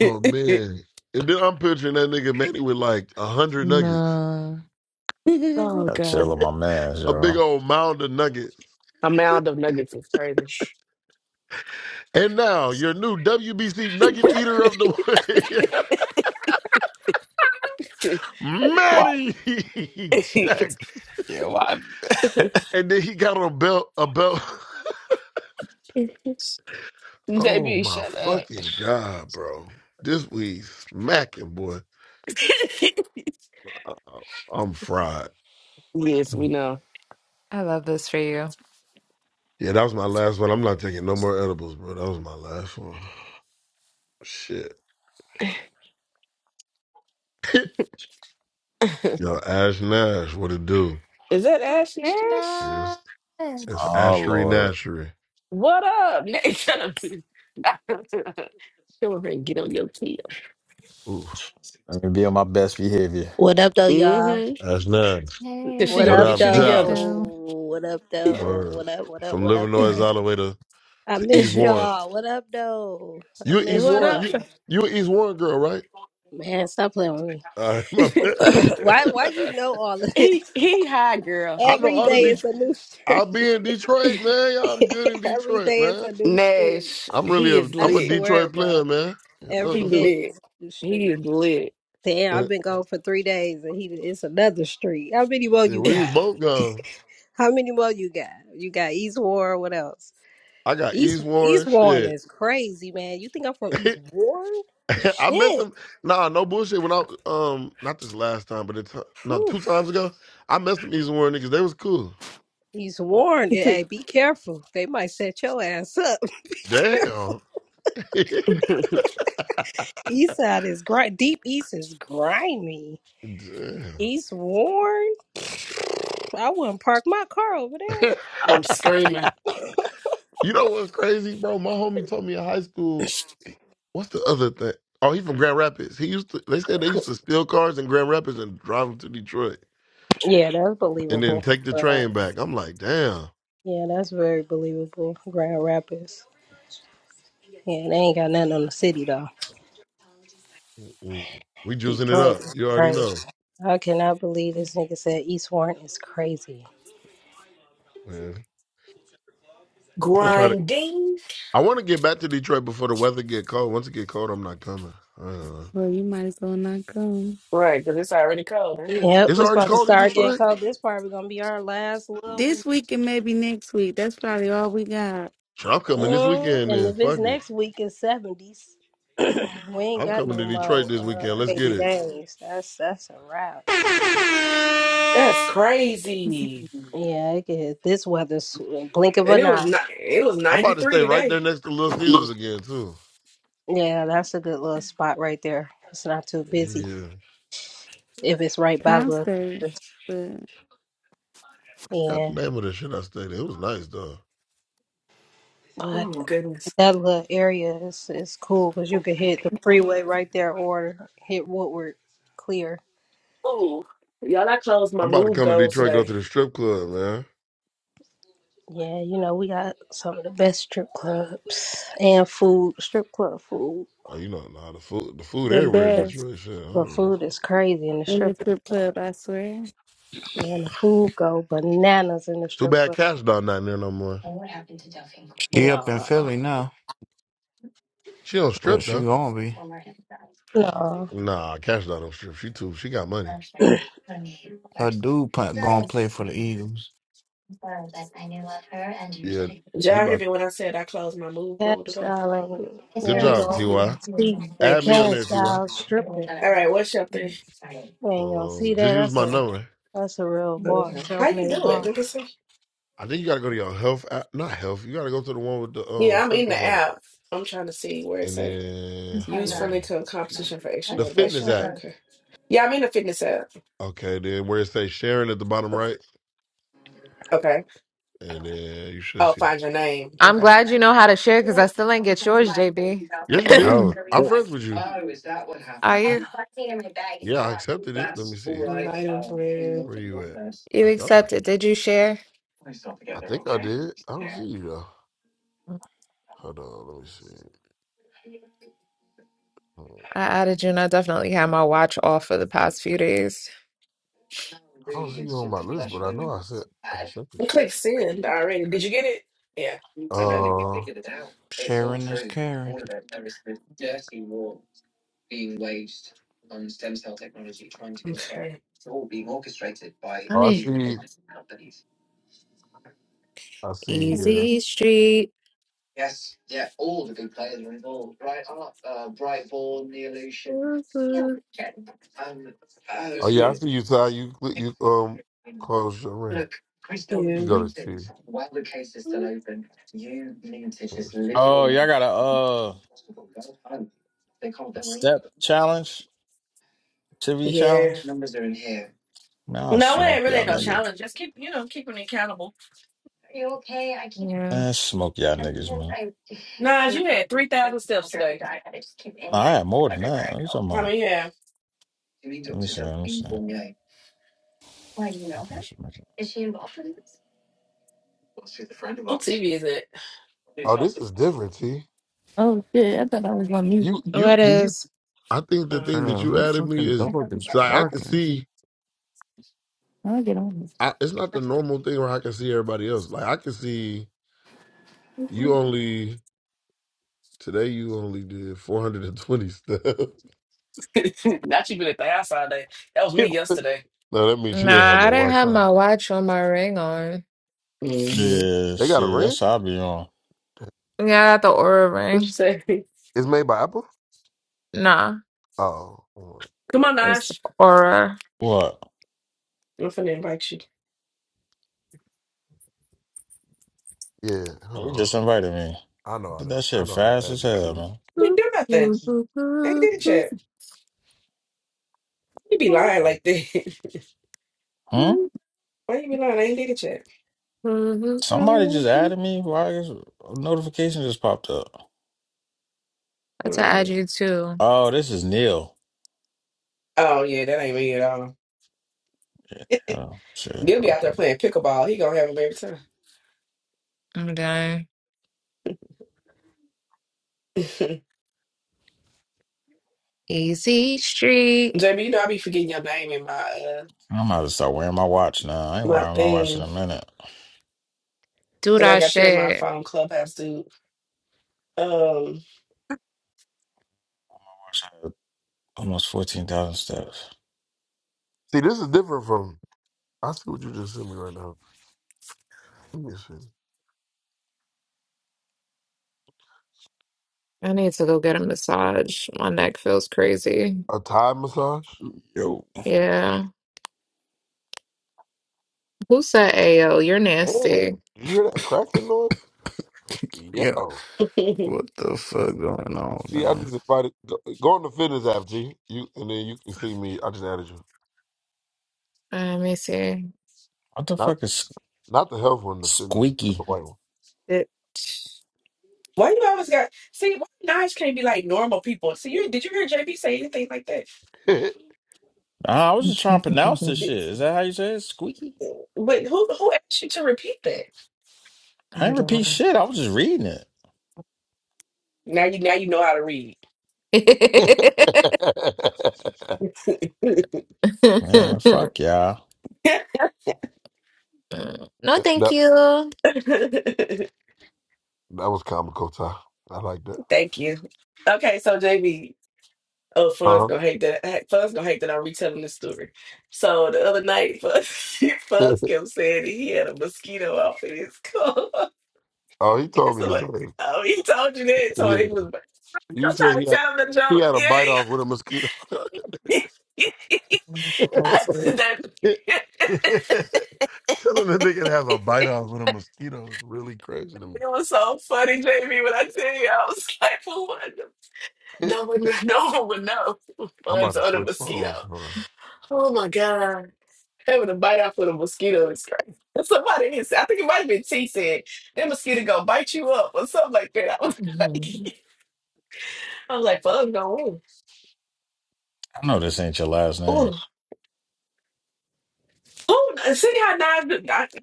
Speaker 5: Oh man. And then I'm picturing that nigga Manny with like a hundred nuggets.
Speaker 14: nah.
Speaker 6: oh
Speaker 7: Got chill
Speaker 6: God.
Speaker 7: on my man,
Speaker 5: A big
Speaker 7: yo.
Speaker 5: old mound of nuggets.
Speaker 6: A mound of nuggets is crazy.
Speaker 5: And now your new WBC nugget eater of the week,
Speaker 7: Yeah, why?
Speaker 5: Manny Jackson.
Speaker 7: Yeah, why?
Speaker 5: And then he got on a belt, a belt. Oh
Speaker 6: JB,
Speaker 5: my
Speaker 6: shut up.
Speaker 5: fucking god, bro! This week smacking, boy. I- I'm fried.
Speaker 6: yes, we know.
Speaker 13: I love this for you.
Speaker 5: Yeah, that was my last one. I'm not taking no more edibles, bro. That was my last one. Shit. Yo, Ash Nash, what it do?
Speaker 6: Is that Ash Nash?
Speaker 5: It's,
Speaker 13: Chestnut.
Speaker 5: it's
Speaker 7: Oh
Speaker 5: Ashery
Speaker 7: Lord,
Speaker 5: Nashery.
Speaker 6: What up, Nash? Shut up. Come over here and get on your tail.
Speaker 5: Ooh,
Speaker 7: let me be on my best behavior.
Speaker 15: What up though, y'all?
Speaker 6: Mm-hmm.
Speaker 5: Ash Nash.
Speaker 6: Cause
Speaker 13: Hey,
Speaker 6: she
Speaker 15: What
Speaker 5: What
Speaker 6: gonna
Speaker 15: up
Speaker 6: get
Speaker 5: up,
Speaker 6: you
Speaker 13: hey,
Speaker 6: together.
Speaker 5: Doc?
Speaker 13: boo.
Speaker 15: though? What up though?
Speaker 5: Word.
Speaker 15: What up? What up?
Speaker 5: From
Speaker 15: What up
Speaker 5: Livernois
Speaker 15: though?
Speaker 5: all the way to,
Speaker 15: I
Speaker 5: to East
Speaker 15: miss
Speaker 5: Warren.
Speaker 15: y'all. What up though? I
Speaker 5: You an East
Speaker 15: miss
Speaker 6: what
Speaker 5: Warren?
Speaker 15: y'all.
Speaker 6: up?
Speaker 5: You you an East Warren girl, right?
Speaker 15: Man, stop playing with me.
Speaker 5: All right, my
Speaker 15: why? Why you
Speaker 5: bad.
Speaker 15: know all of
Speaker 6: he
Speaker 15: this?
Speaker 6: he high girl.
Speaker 5: I know
Speaker 15: Every
Speaker 5: all the
Speaker 15: day
Speaker 6: He
Speaker 5: Detroit.
Speaker 15: it's a new
Speaker 5: I'll
Speaker 15: street.
Speaker 5: be in Detroit, man. Y'all, I'm good in
Speaker 15: Every
Speaker 5: Detroit,
Speaker 15: day it's
Speaker 5: man.
Speaker 15: a new street.
Speaker 6: Nash.
Speaker 5: I'm really
Speaker 6: He
Speaker 5: a
Speaker 6: is
Speaker 15: I
Speaker 5: I'm a
Speaker 6: lit.
Speaker 15: swear,
Speaker 5: Detroit player,
Speaker 15: bro.
Speaker 5: man. Yeah, Look,
Speaker 15: Every
Speaker 6: He
Speaker 5: look,
Speaker 15: day
Speaker 5: look.
Speaker 6: lit.
Speaker 15: is a new
Speaker 6: He
Speaker 15: street.
Speaker 6: is lit.
Speaker 15: Damn, I've
Speaker 5: Uh,
Speaker 15: been gone for three days and he it's another street. How many more
Speaker 5: yeah,
Speaker 15: you
Speaker 5: we was
Speaker 15: got?
Speaker 5: both gone.
Speaker 15: How many more you got? You got East War, what else?
Speaker 5: I got
Speaker 15: East
Speaker 5: East
Speaker 15: East
Speaker 5: Warren
Speaker 15: Warren
Speaker 5: shit.
Speaker 15: is crazy, man. You think I'm from East Warren?
Speaker 5: I missed
Speaker 15: Shit.
Speaker 5: him. Nah, no bullshit. When I um not this last time, but it's no
Speaker 15: Whew.
Speaker 5: two times ago, I messed them East Warren niggas. They was cool.
Speaker 15: East Warren, eh, hey, be careful. They might set your ass up.
Speaker 5: Damn.
Speaker 15: East side is grind. Deep East is grimy.
Speaker 5: Damn.
Speaker 15: East Warren, I wouldn't park my car over there.
Speaker 6: I'm screaming.
Speaker 5: you know what's crazy, bro? My homie told me in high school. What's the other thing? Oh, he's from Grand Rapids. He used to. They said they used to steal cars in Grand Rapids and drive them to Detroit,
Speaker 15: Yeah, that's
Speaker 5: and then
Speaker 15: believable.
Speaker 5: take the
Speaker 15: But
Speaker 5: train back. I'm like, damn,
Speaker 15: yeah, that's very believable. Grand Rapids. Yeah, they ain't got nothing on the city though.
Speaker 5: Mm-mm. we juicing it
Speaker 15: Detroit
Speaker 5: up.
Speaker 15: is
Speaker 5: You already
Speaker 15: crazy.
Speaker 5: know,
Speaker 15: I cannot believe this nigga said East Warren is crazy.
Speaker 5: man. I'm gonna try to.
Speaker 6: Grinding.
Speaker 5: I want to get back to Detroit before the weather get cold. Once it get cold, I'm not coming. Uh,
Speaker 8: Well, you might as well not go.
Speaker 6: Right, because it's already cold, huh?
Speaker 15: Yep,
Speaker 5: it's
Speaker 15: it's
Speaker 5: already
Speaker 15: about to
Speaker 5: cold in
Speaker 15: start getting
Speaker 5: Detroit.
Speaker 15: cold. This probably gonna be our last little week.
Speaker 8: This week and maybe next week. That's probably all we got.
Speaker 5: Sure, I'm coming this
Speaker 15: Mm,
Speaker 5: weekend.
Speaker 15: And
Speaker 5: Then
Speaker 15: if it's
Speaker 5: fuck it,
Speaker 15: next week, it's seventies. we ain't
Speaker 5: I'm
Speaker 15: got
Speaker 5: coming
Speaker 15: no
Speaker 5: to Detroit
Speaker 15: more
Speaker 5: this
Speaker 15: uh,
Speaker 5: weekend. Let's get
Speaker 15: eighty
Speaker 5: it.
Speaker 15: days. That's that's a wrap.
Speaker 6: That's crazy.
Speaker 15: Yeah, it could hit this weather sw- blink of
Speaker 6: And
Speaker 15: an
Speaker 6: it was
Speaker 15: eye.
Speaker 6: not it was
Speaker 5: I'm about to
Speaker 6: 93
Speaker 5: stay right
Speaker 6: today.
Speaker 5: there next to Little Caesars again too.
Speaker 15: Yeah, that's a good little spot right there. It's not too busy
Speaker 5: Yeah.
Speaker 15: if it's right by the.
Speaker 8: Concert, but
Speaker 5: I forgot the
Speaker 15: Yeah,
Speaker 5: name of the shit I stayed at. It was nice though.
Speaker 6: Oh
Speaker 15: but
Speaker 6: my goodness.
Speaker 15: that little area is is cool because you could hit the freeway right there or hit Woodward clear.
Speaker 6: Oh. Y'all, I closed my
Speaker 5: I'm about to
Speaker 6: move
Speaker 5: come to
Speaker 6: goal
Speaker 5: Detroit, and go
Speaker 6: today.
Speaker 5: to the strip club, man.
Speaker 15: Yeah, you know, we got some of the best strip clubs and food, strip club food.
Speaker 5: Oh, you know, nah, the food, the food
Speaker 8: The
Speaker 5: everywhere in
Speaker 8: best.
Speaker 5: Detroit. Shit, I
Speaker 15: The
Speaker 5: don't even-
Speaker 15: food is crazy in the
Speaker 8: in the
Speaker 15: strip
Speaker 8: strip club, I swear.
Speaker 15: club. And the food go bananas in the
Speaker 5: Too
Speaker 15: strip
Speaker 5: bad
Speaker 15: club.
Speaker 5: Cash Doll not in there no more.
Speaker 11: She up in
Speaker 15: Nah,
Speaker 11: Philly now,
Speaker 5: She don't
Speaker 11: but
Speaker 5: strip
Speaker 11: she
Speaker 5: though.
Speaker 11: gonna be.
Speaker 15: nah.
Speaker 5: Nah, Cash Doll don't strip. She too. She got money.
Speaker 11: Her dude pla- gonna play for the Eagles.
Speaker 5: Yeah,
Speaker 6: Did
Speaker 5: he
Speaker 6: y'all hear
Speaker 5: about.
Speaker 6: me when I said I closed my move
Speaker 15: Cash
Speaker 6: goal today?
Speaker 15: style ain't, you
Speaker 5: Good
Speaker 15: ain't
Speaker 5: job,
Speaker 15: gonna
Speaker 5: Ty.
Speaker 15: see
Speaker 5: Add
Speaker 6: Thank
Speaker 5: me
Speaker 6: you.
Speaker 5: on
Speaker 15: cash
Speaker 5: there, Ty.
Speaker 15: style stripping.
Speaker 6: All right, what's up?
Speaker 15: You ain't gonna
Speaker 5: Um,
Speaker 15: see
Speaker 5: just
Speaker 15: that.
Speaker 5: use
Speaker 15: That's
Speaker 5: my
Speaker 15: a,
Speaker 5: number.
Speaker 15: that's a real bar,
Speaker 6: Okay. How you
Speaker 15: self-made
Speaker 6: do it?
Speaker 15: bar.
Speaker 6: Let me see.
Speaker 5: I think you gotta go to your health. app. Not health. You gotta go to the one with the um
Speaker 6: Yeah, I'm in
Speaker 5: circles
Speaker 6: the
Speaker 5: on it,
Speaker 6: app. I'm trying to see where it
Speaker 5: and
Speaker 6: say
Speaker 5: then
Speaker 6: use
Speaker 5: hold
Speaker 6: friendly
Speaker 5: on.
Speaker 6: co- competition for extra
Speaker 5: the fitness
Speaker 6: motivation.
Speaker 5: app.
Speaker 6: Okay. Yeah, I'm in the fitness app.
Speaker 5: Okay, then where it says sharing at the bottom right.
Speaker 6: Okay.
Speaker 5: And then you should
Speaker 6: Oh,
Speaker 5: see
Speaker 6: find
Speaker 5: it.
Speaker 6: your name.
Speaker 13: I'm
Speaker 6: Okay.
Speaker 13: glad you know how to share because I still ain't get yours, JB.
Speaker 5: Yes, you did.
Speaker 7: Oh,
Speaker 5: I'm friends with you.
Speaker 13: Are you?
Speaker 5: Yeah, I accepted it. Let me see.
Speaker 6: Invite a friend.
Speaker 5: Where you at?
Speaker 13: You
Speaker 5: I thought I,
Speaker 13: accepted. Did you share?
Speaker 5: I think I did. I don't see you though. Hold on, let me see. Hmm.
Speaker 13: I added you, and I definitely had my watch off for the past few days.
Speaker 5: I don't see you on my list, but I know I said I accepted
Speaker 6: I
Speaker 5: you.
Speaker 6: click send already. Did you get it? Yeah,
Speaker 5: Uh
Speaker 6: I got it.
Speaker 5: oh
Speaker 11: Sharing is caring.
Speaker 6: Okay.
Speaker 5: I
Speaker 13: Ay,
Speaker 5: see I see, yeah.
Speaker 13: easy street.
Speaker 5: Oh yeah, I see you Ty. You cl- you um close your ring.
Speaker 6: Yeah.
Speaker 5: You go to T. Where's T at?
Speaker 7: oh, y'all got a uh a step challenge, TV challenge.
Speaker 6: Yeah.
Speaker 7: Man, I'll
Speaker 6: No, it
Speaker 7: smoke
Speaker 6: ain't really
Speaker 7: y'all
Speaker 6: no
Speaker 7: niggas.
Speaker 6: challenge. Just keep, you know, keeping me accountable.
Speaker 13: Yeah.
Speaker 7: Man, smoke y'all niggas, man.
Speaker 6: Nas, you had 3,000 steps today.
Speaker 7: Nah, I had more than that. What you talking
Speaker 6: How
Speaker 7: about?
Speaker 6: many you have?
Speaker 7: Let me see. Let me see. Let me see. Let me see.
Speaker 6: What TV is it?
Speaker 5: Oh, this is different, T.
Speaker 4: shit! I thought I was on mute.
Speaker 5: You you
Speaker 13: What
Speaker 5: did you
Speaker 13: is?
Speaker 5: I think the
Speaker 6: Uh,
Speaker 5: thing that
Speaker 11: Bro,
Speaker 5: you
Speaker 11: who
Speaker 5: added me
Speaker 11: fucking
Speaker 5: is
Speaker 11: dog is
Speaker 5: so I can
Speaker 11: barking?
Speaker 5: see.
Speaker 4: I'll get on.
Speaker 5: I, it's not the normal thing where I can see everybody else. Like I can see you only today. You only did four hundred and twenty stuff.
Speaker 6: not you been at the house all day. That was me
Speaker 5: no,
Speaker 6: yesterday.
Speaker 5: that means she ain't have
Speaker 13: Nah,
Speaker 5: no
Speaker 13: I didn't
Speaker 5: watch
Speaker 13: have
Speaker 5: on.
Speaker 13: my watch or my ring on.
Speaker 7: Yeah,
Speaker 5: They got a
Speaker 7: see,
Speaker 5: ring.
Speaker 7: that's how I be on.
Speaker 13: Yeah, I got the Aura
Speaker 6: What you
Speaker 13: ring.
Speaker 6: say?
Speaker 5: It's made by Apple.
Speaker 13: Nah,
Speaker 5: Oh, hold on.
Speaker 6: Come on,
Speaker 13: it's
Speaker 6: Nash.
Speaker 13: Aura.
Speaker 7: What?
Speaker 6: I'm finna invite you.
Speaker 5: yeah. Hold
Speaker 7: You
Speaker 5: on.
Speaker 7: just invited me.
Speaker 5: I know how
Speaker 7: Did
Speaker 5: to.
Speaker 7: that
Speaker 5: I
Speaker 7: shit
Speaker 5: know how to
Speaker 7: fast
Speaker 5: add
Speaker 7: as
Speaker 5: you
Speaker 7: hell,
Speaker 5: to it.
Speaker 7: man.
Speaker 6: I
Speaker 13: That's
Speaker 6: ain't do nothing.
Speaker 13: an
Speaker 6: I ain't did a chat. You be lying
Speaker 5: See,
Speaker 6: like that.
Speaker 7: Hmm?
Speaker 6: Why you be lying? I ain't did a chat.
Speaker 7: Somebody just added me? Why is a notification just popped up?
Speaker 13: add
Speaker 6: Mm.
Speaker 13: you too.
Speaker 7: Oh, this is Neil.
Speaker 6: Oh yeah, that ain't me at all.
Speaker 7: Oh, shit it
Speaker 6: They'll be out
Speaker 7: popped
Speaker 6: there
Speaker 7: up.
Speaker 6: playing pickleball. He gonna have a baby time.
Speaker 13: I'm done. Easy Street.
Speaker 6: JB, you know I be forgetting your name in my uh,
Speaker 7: I'm about to start wearing my watch now. I ain't
Speaker 6: my
Speaker 7: wearing my watch in a
Speaker 6: thing
Speaker 7: minute. My
Speaker 13: Do
Speaker 6: because I
Speaker 13: that
Speaker 6: got you in my
Speaker 13: shit.
Speaker 6: phone clubhouse, dude. Um,
Speaker 7: watch had Almost 14,000 steps.
Speaker 5: this is different from. I see what you just sent me right now. Let me see.
Speaker 13: I need to go get a massage. My neck feels crazy.
Speaker 5: A Thai massage.
Speaker 7: Yo.
Speaker 13: Yeah. Who said Ayo? You're
Speaker 5: Damn.
Speaker 13: nasty.
Speaker 5: Did you hear that cracking noise?
Speaker 11: Yeah,
Speaker 5: Yo.
Speaker 6: why
Speaker 11: what the fuck going on,
Speaker 5: See, I
Speaker 11: man?
Speaker 5: just invited. Go, go on the fitness app, G. You and then you can see me. I just added you.
Speaker 13: Uh, Let me see.
Speaker 7: What the
Speaker 5: Not
Speaker 7: fuck is
Speaker 5: not the health one, the fitness, not the
Speaker 7: squeaky?
Speaker 5: white one.
Speaker 13: It-
Speaker 6: you always got see? Why Nash can't be like normal people? See, you did you hear JB say anything like that?
Speaker 7: Nah, I was just trying to pronounce this
Speaker 13: I'm
Speaker 7: shit.
Speaker 6: Did-
Speaker 7: Is that how you say it? Squeaky?
Speaker 6: But who who asked you to repeat
Speaker 7: I ain't repeat
Speaker 13: done.
Speaker 7: shit. I was just reading it.
Speaker 6: Now you now you know how to read.
Speaker 7: Man, fuck y'all.
Speaker 13: no, thank
Speaker 5: that that
Speaker 13: you.
Speaker 5: was comical, Ty. I like that.
Speaker 6: Thank you. Okay, so JB, oh Fun's
Speaker 5: Uh
Speaker 6: gonna hate that. heck, Fun's gonna hate that I'm retelling this story. So the other night, Fun,
Speaker 5: huh.
Speaker 6: Fun's kept saying that he had a mosquito off in his car.
Speaker 5: oh, he told
Speaker 6: It's
Speaker 5: me this
Speaker 6: like,
Speaker 5: already.
Speaker 6: oh, he told you that. So
Speaker 5: Yeah,
Speaker 6: he was.
Speaker 5: you
Speaker 6: I'm
Speaker 5: said
Speaker 6: trying to
Speaker 5: he had,
Speaker 6: tell him the
Speaker 5: he
Speaker 6: joke.
Speaker 5: had a bite off
Speaker 6: Yeah.
Speaker 5: with a mosquito.
Speaker 6: he- that, it
Speaker 5: Telling the nigga to have a bite off with a mosquito is really crazy to me.
Speaker 6: was so funny, JB. When I tell you, I was like, for what? No one, no one would know.
Speaker 5: I'm about
Speaker 6: Mine's
Speaker 5: to
Speaker 6: on a
Speaker 5: switch
Speaker 6: mosquito.
Speaker 5: phone.
Speaker 6: Oh my God. Having a bite off with a mosquito is crazy. Somebody is, I think it might have been T said, that mosquito gonna bite you up or something like that. I was like,
Speaker 13: Mhm.
Speaker 6: I was like, fuck no.
Speaker 7: I know this ain't your last name.
Speaker 6: Oh, oh, see how Nas, I- I'm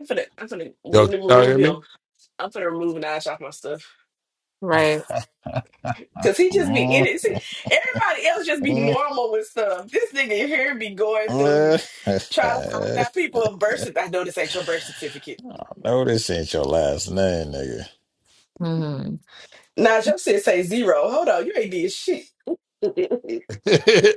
Speaker 6: gonna, I'm gonna
Speaker 16: Yo, y'all
Speaker 6: remove
Speaker 16: hear me?
Speaker 6: him. I'm gonna remove Nas off my stuff.
Speaker 13: Right.
Speaker 6: Cause he just be in it. See,
Speaker 7: no,
Speaker 6: everybody else just be normal with stuff. This nigga here be going through, trying to find out people birth certificate. I know this ain't your birth certificate.
Speaker 7: this ain't your last name, nigga.
Speaker 13: hmm
Speaker 6: Nah, your shit say zero. Hold on, you ain't did shit.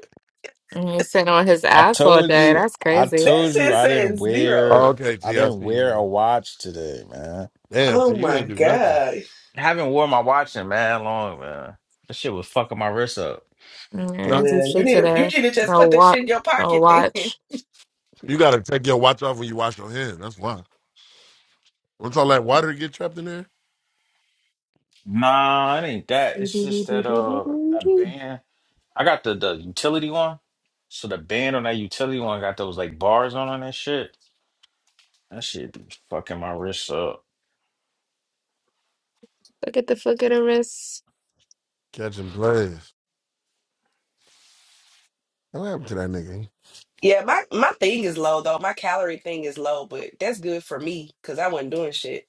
Speaker 13: And he's sitting on his
Speaker 7: I
Speaker 13: ass all
Speaker 7: told
Speaker 13: day.
Speaker 7: you,
Speaker 13: That's
Speaker 7: I
Speaker 13: crazy.
Speaker 6: That
Speaker 7: told you,
Speaker 6: shit
Speaker 7: I didn't
Speaker 6: says
Speaker 16: Oh,
Speaker 6: zero.
Speaker 7: wear,
Speaker 16: okay,
Speaker 7: I
Speaker 16: T, I
Speaker 7: didn't
Speaker 16: see you
Speaker 7: wear a
Speaker 16: now.
Speaker 7: watch today, man.
Speaker 16: Damn,
Speaker 6: Oh
Speaker 16: T, you
Speaker 6: my
Speaker 16: ain't do nothing.
Speaker 6: god.
Speaker 7: I haven't worn my watch in man long, man. That shit was fucking my wrist up.
Speaker 13: Mm, Yeah, I
Speaker 16: Not
Speaker 13: do
Speaker 6: Well, you
Speaker 13: shit
Speaker 6: need to you
Speaker 13: today.
Speaker 6: need to just
Speaker 13: So
Speaker 6: put that
Speaker 13: watch.
Speaker 6: shit in your
Speaker 13: So
Speaker 6: pocket then.
Speaker 13: watch.
Speaker 16: you gotta take your watch off when you wash your hands. That's why. Once all that water get trapped in there,
Speaker 7: Nah, it ain't that.
Speaker 13: Look
Speaker 7: It's just that uh, that band. I got the the utility one, so the band on that utility one got those like bars on on that shit. That shit be fucking my wrist up.
Speaker 13: at the flick of the wrist.
Speaker 16: catching plays. What happened to that nigga?
Speaker 6: Yeah, my my thing is low though. My calorie thing is low, but that's good for me because I wasn't doing shit.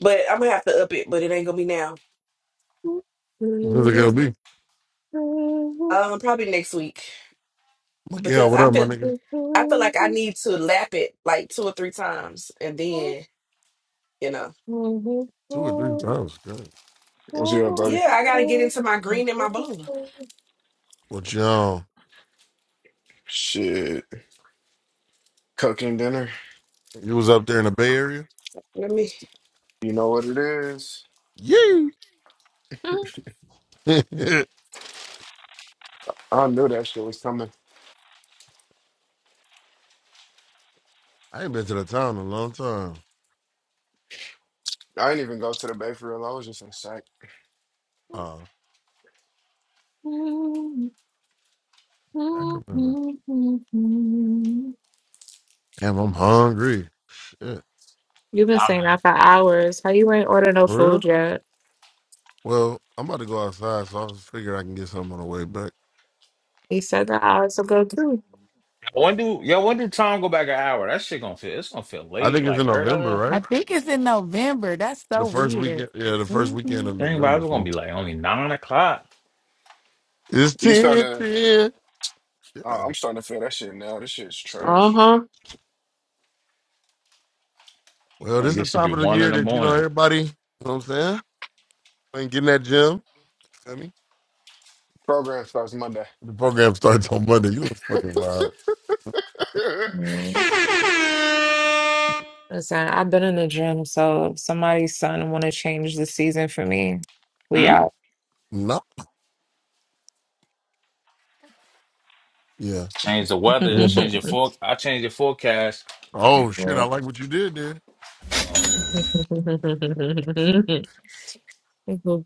Speaker 6: But I'm gonna have to up it, but it ain't gonna be now.
Speaker 16: What is it gonna be?
Speaker 6: Um, probably next week
Speaker 16: Miguel,
Speaker 6: because
Speaker 16: what
Speaker 6: I
Speaker 16: up, my
Speaker 6: feel
Speaker 16: nigga?
Speaker 6: I feel like I need to lap it like two or three times and then you know.
Speaker 16: Two or three times. Good.
Speaker 17: What's up, buddy?
Speaker 6: Yeah, I gotta get into my green and my blue.
Speaker 16: What y'all?
Speaker 17: Shit, cooking dinner.
Speaker 16: You was up there in the Bay Area?
Speaker 6: Let me.
Speaker 17: You know what it is.
Speaker 16: Yeah.
Speaker 17: I knew that shit was coming.
Speaker 16: I ain't been to the town in a long time.
Speaker 17: I didn't even go to the bay for real. I was just in sight.
Speaker 16: Oh, Sacramento. Damn, I'm hungry. Shit.
Speaker 13: You've been saying that for hours. How you ain't order no
Speaker 16: For real?
Speaker 13: food yet?
Speaker 16: Well, I'm about to go outside, so I was figure I can get something on the way back.
Speaker 13: He said that hours ago too.
Speaker 7: When do yo? When do time go back an hour? That shit gonna feel. It's gonna feel
Speaker 16: I
Speaker 7: late,
Speaker 16: think it's
Speaker 7: like
Speaker 16: in November,
Speaker 7: early.
Speaker 8: I
Speaker 16: right?
Speaker 8: think it's in November. That's so
Speaker 16: The first
Speaker 8: weird.
Speaker 16: weekend, yeah, the first
Speaker 8: Mhm.
Speaker 16: weekend of
Speaker 7: Think about
Speaker 16: November.
Speaker 7: it, it's gonna
Speaker 16: so
Speaker 7: be like only nine o'clock.
Speaker 16: It's
Speaker 17: You starting
Speaker 16: 10
Speaker 17: to?
Speaker 16: 10. Yeah.
Speaker 17: Uh, I'm starting to feel that shit now. This shit's
Speaker 7: So,
Speaker 13: Uh
Speaker 17: trash.
Speaker 13: huh.
Speaker 16: Well, this
Speaker 7: Like
Speaker 16: is
Speaker 7: it
Speaker 16: the
Speaker 7: should be
Speaker 16: time of the
Speaker 7: one
Speaker 16: year
Speaker 7: in the
Speaker 16: that, you know,
Speaker 7: morning.
Speaker 16: everybody, you know what I'm saying? Ain't getting that gym. Feel me?
Speaker 17: Program starts Monday.
Speaker 16: The program starts on Monday. You a fucking vibe.
Speaker 17: There's
Speaker 13: Mm. Listen, I've been in the gym, so if somebody's son want to change the season for me, we
Speaker 7: Hmm?
Speaker 13: out.
Speaker 16: No. Yeah.
Speaker 7: Change the weather.
Speaker 16: Yeah, bro.
Speaker 7: Change your for. I change your forecast.
Speaker 16: oh shit, I like what you did there.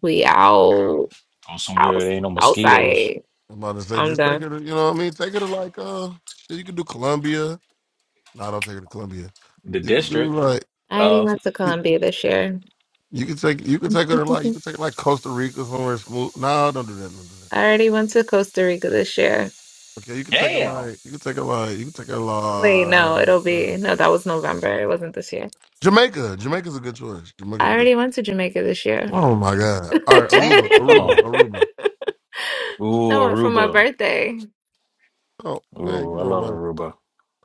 Speaker 13: we out.
Speaker 7: Go somewhere there
Speaker 13: Outs-
Speaker 7: ain't no mosquitoes.
Speaker 13: Outside.
Speaker 16: I'm about to say
Speaker 13: I'm
Speaker 16: just take
Speaker 13: done.
Speaker 16: it to, you know what I mean? Take it to like uh shit, you can do Columbia. No, don't take her to Colombia.
Speaker 7: The
Speaker 16: You could do
Speaker 7: district
Speaker 16: like
Speaker 13: I already
Speaker 7: of
Speaker 13: went to Colombia this year.
Speaker 16: you could take you could take her to like you
Speaker 13: I
Speaker 16: could take her like Costa Rica somewhere smooth. No, don't do that. Don't do that.
Speaker 13: already went to Costa Rica this year.
Speaker 16: Okay, you could take her
Speaker 7: damn,
Speaker 16: like you could take her like you could take her
Speaker 13: Wait, no,
Speaker 16: like
Speaker 13: it'll
Speaker 16: uh,
Speaker 13: be no, that was November. It wasn't this year.
Speaker 16: Jamaica. Jamaica's a good choice. Jamaica's
Speaker 13: I
Speaker 16: a good.
Speaker 13: already went to Jamaica this year.
Speaker 16: Oh my god!
Speaker 13: I
Speaker 16: All right,
Speaker 7: damn.
Speaker 16: Aruba, Aruba, Aruba.
Speaker 7: Ooh,
Speaker 13: went for my
Speaker 7: Aruba.
Speaker 13: birthday.
Speaker 16: Oh man, you
Speaker 7: Ooh, I
Speaker 16: know
Speaker 7: love
Speaker 16: what?
Speaker 7: Aruba.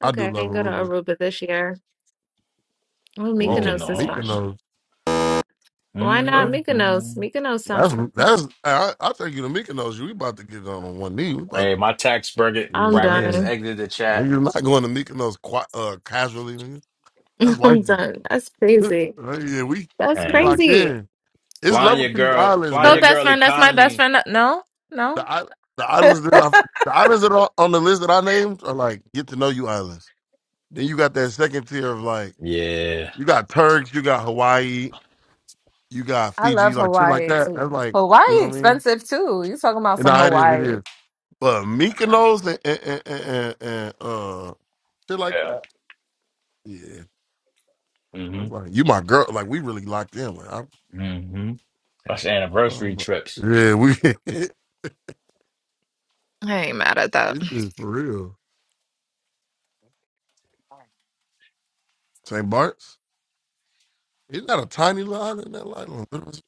Speaker 16: I do
Speaker 13: Okay, I
Speaker 16: love
Speaker 13: didn't go to
Speaker 16: Aruba.
Speaker 13: Aruba this year. Well,
Speaker 16: Oh,
Speaker 13: Mykonos is fun.
Speaker 7: Mykonos.
Speaker 16: Mykonos.
Speaker 13: Why not
Speaker 16: What?
Speaker 13: Mykonos?
Speaker 7: Mm-hmm.
Speaker 13: Mykonos
Speaker 16: That's
Speaker 13: sounds fun.
Speaker 16: that's. I, I take you to Mykonos. We about to get down on one knee. We about.
Speaker 7: Hey,
Speaker 16: To,
Speaker 7: my tax bracket
Speaker 13: I'm
Speaker 16: yeah, I
Speaker 7: bracket has
Speaker 16: ain't.
Speaker 13: done.
Speaker 7: exited the chat.
Speaker 16: Niggas not going to Mykonos quite, uh, casually. That's
Speaker 13: I'm
Speaker 16: wifey.
Speaker 13: done. That's crazy.
Speaker 16: Right, yeah, we
Speaker 13: That's
Speaker 16: we locked
Speaker 13: crazy.
Speaker 16: in. It's
Speaker 7: Flying
Speaker 16: level
Speaker 7: your
Speaker 16: to these
Speaker 7: girl,
Speaker 16: islands,
Speaker 7: flying
Speaker 13: Go,
Speaker 7: your
Speaker 16: man.
Speaker 13: best
Speaker 7: girl
Speaker 13: friend. That's my best
Speaker 7: economy.
Speaker 13: friend. No, no.
Speaker 16: The i- the islands that I
Speaker 13: I
Speaker 16: the islands that are on the list that I named are like get to know you islands. Then you got that second tier of like
Speaker 7: Yeah.
Speaker 16: you got Turks, you got Hawaii, you got Fiji,
Speaker 13: love
Speaker 16: like shit like
Speaker 13: Hawaii
Speaker 16: that.
Speaker 13: too.
Speaker 16: That's like you
Speaker 13: Hawaii
Speaker 16: know what I mean.
Speaker 13: expensive too. You talking about
Speaker 16: And
Speaker 13: some
Speaker 16: nah, it is, it
Speaker 13: Hawaii?
Speaker 16: is. But Mykonos and and and, and, and uh shit like
Speaker 7: Yeah.
Speaker 16: that. Yeah, that's
Speaker 7: Mm-hmm.
Speaker 16: like you my girl. Like we really locked in. Like I'm,
Speaker 7: Mm-hmm. That's anniversary
Speaker 16: um,
Speaker 7: trips.
Speaker 16: yeah, we. this
Speaker 13: I ain't mad at that.
Speaker 16: is for real. St. Bart's. Isn't that a tiny little island? That island.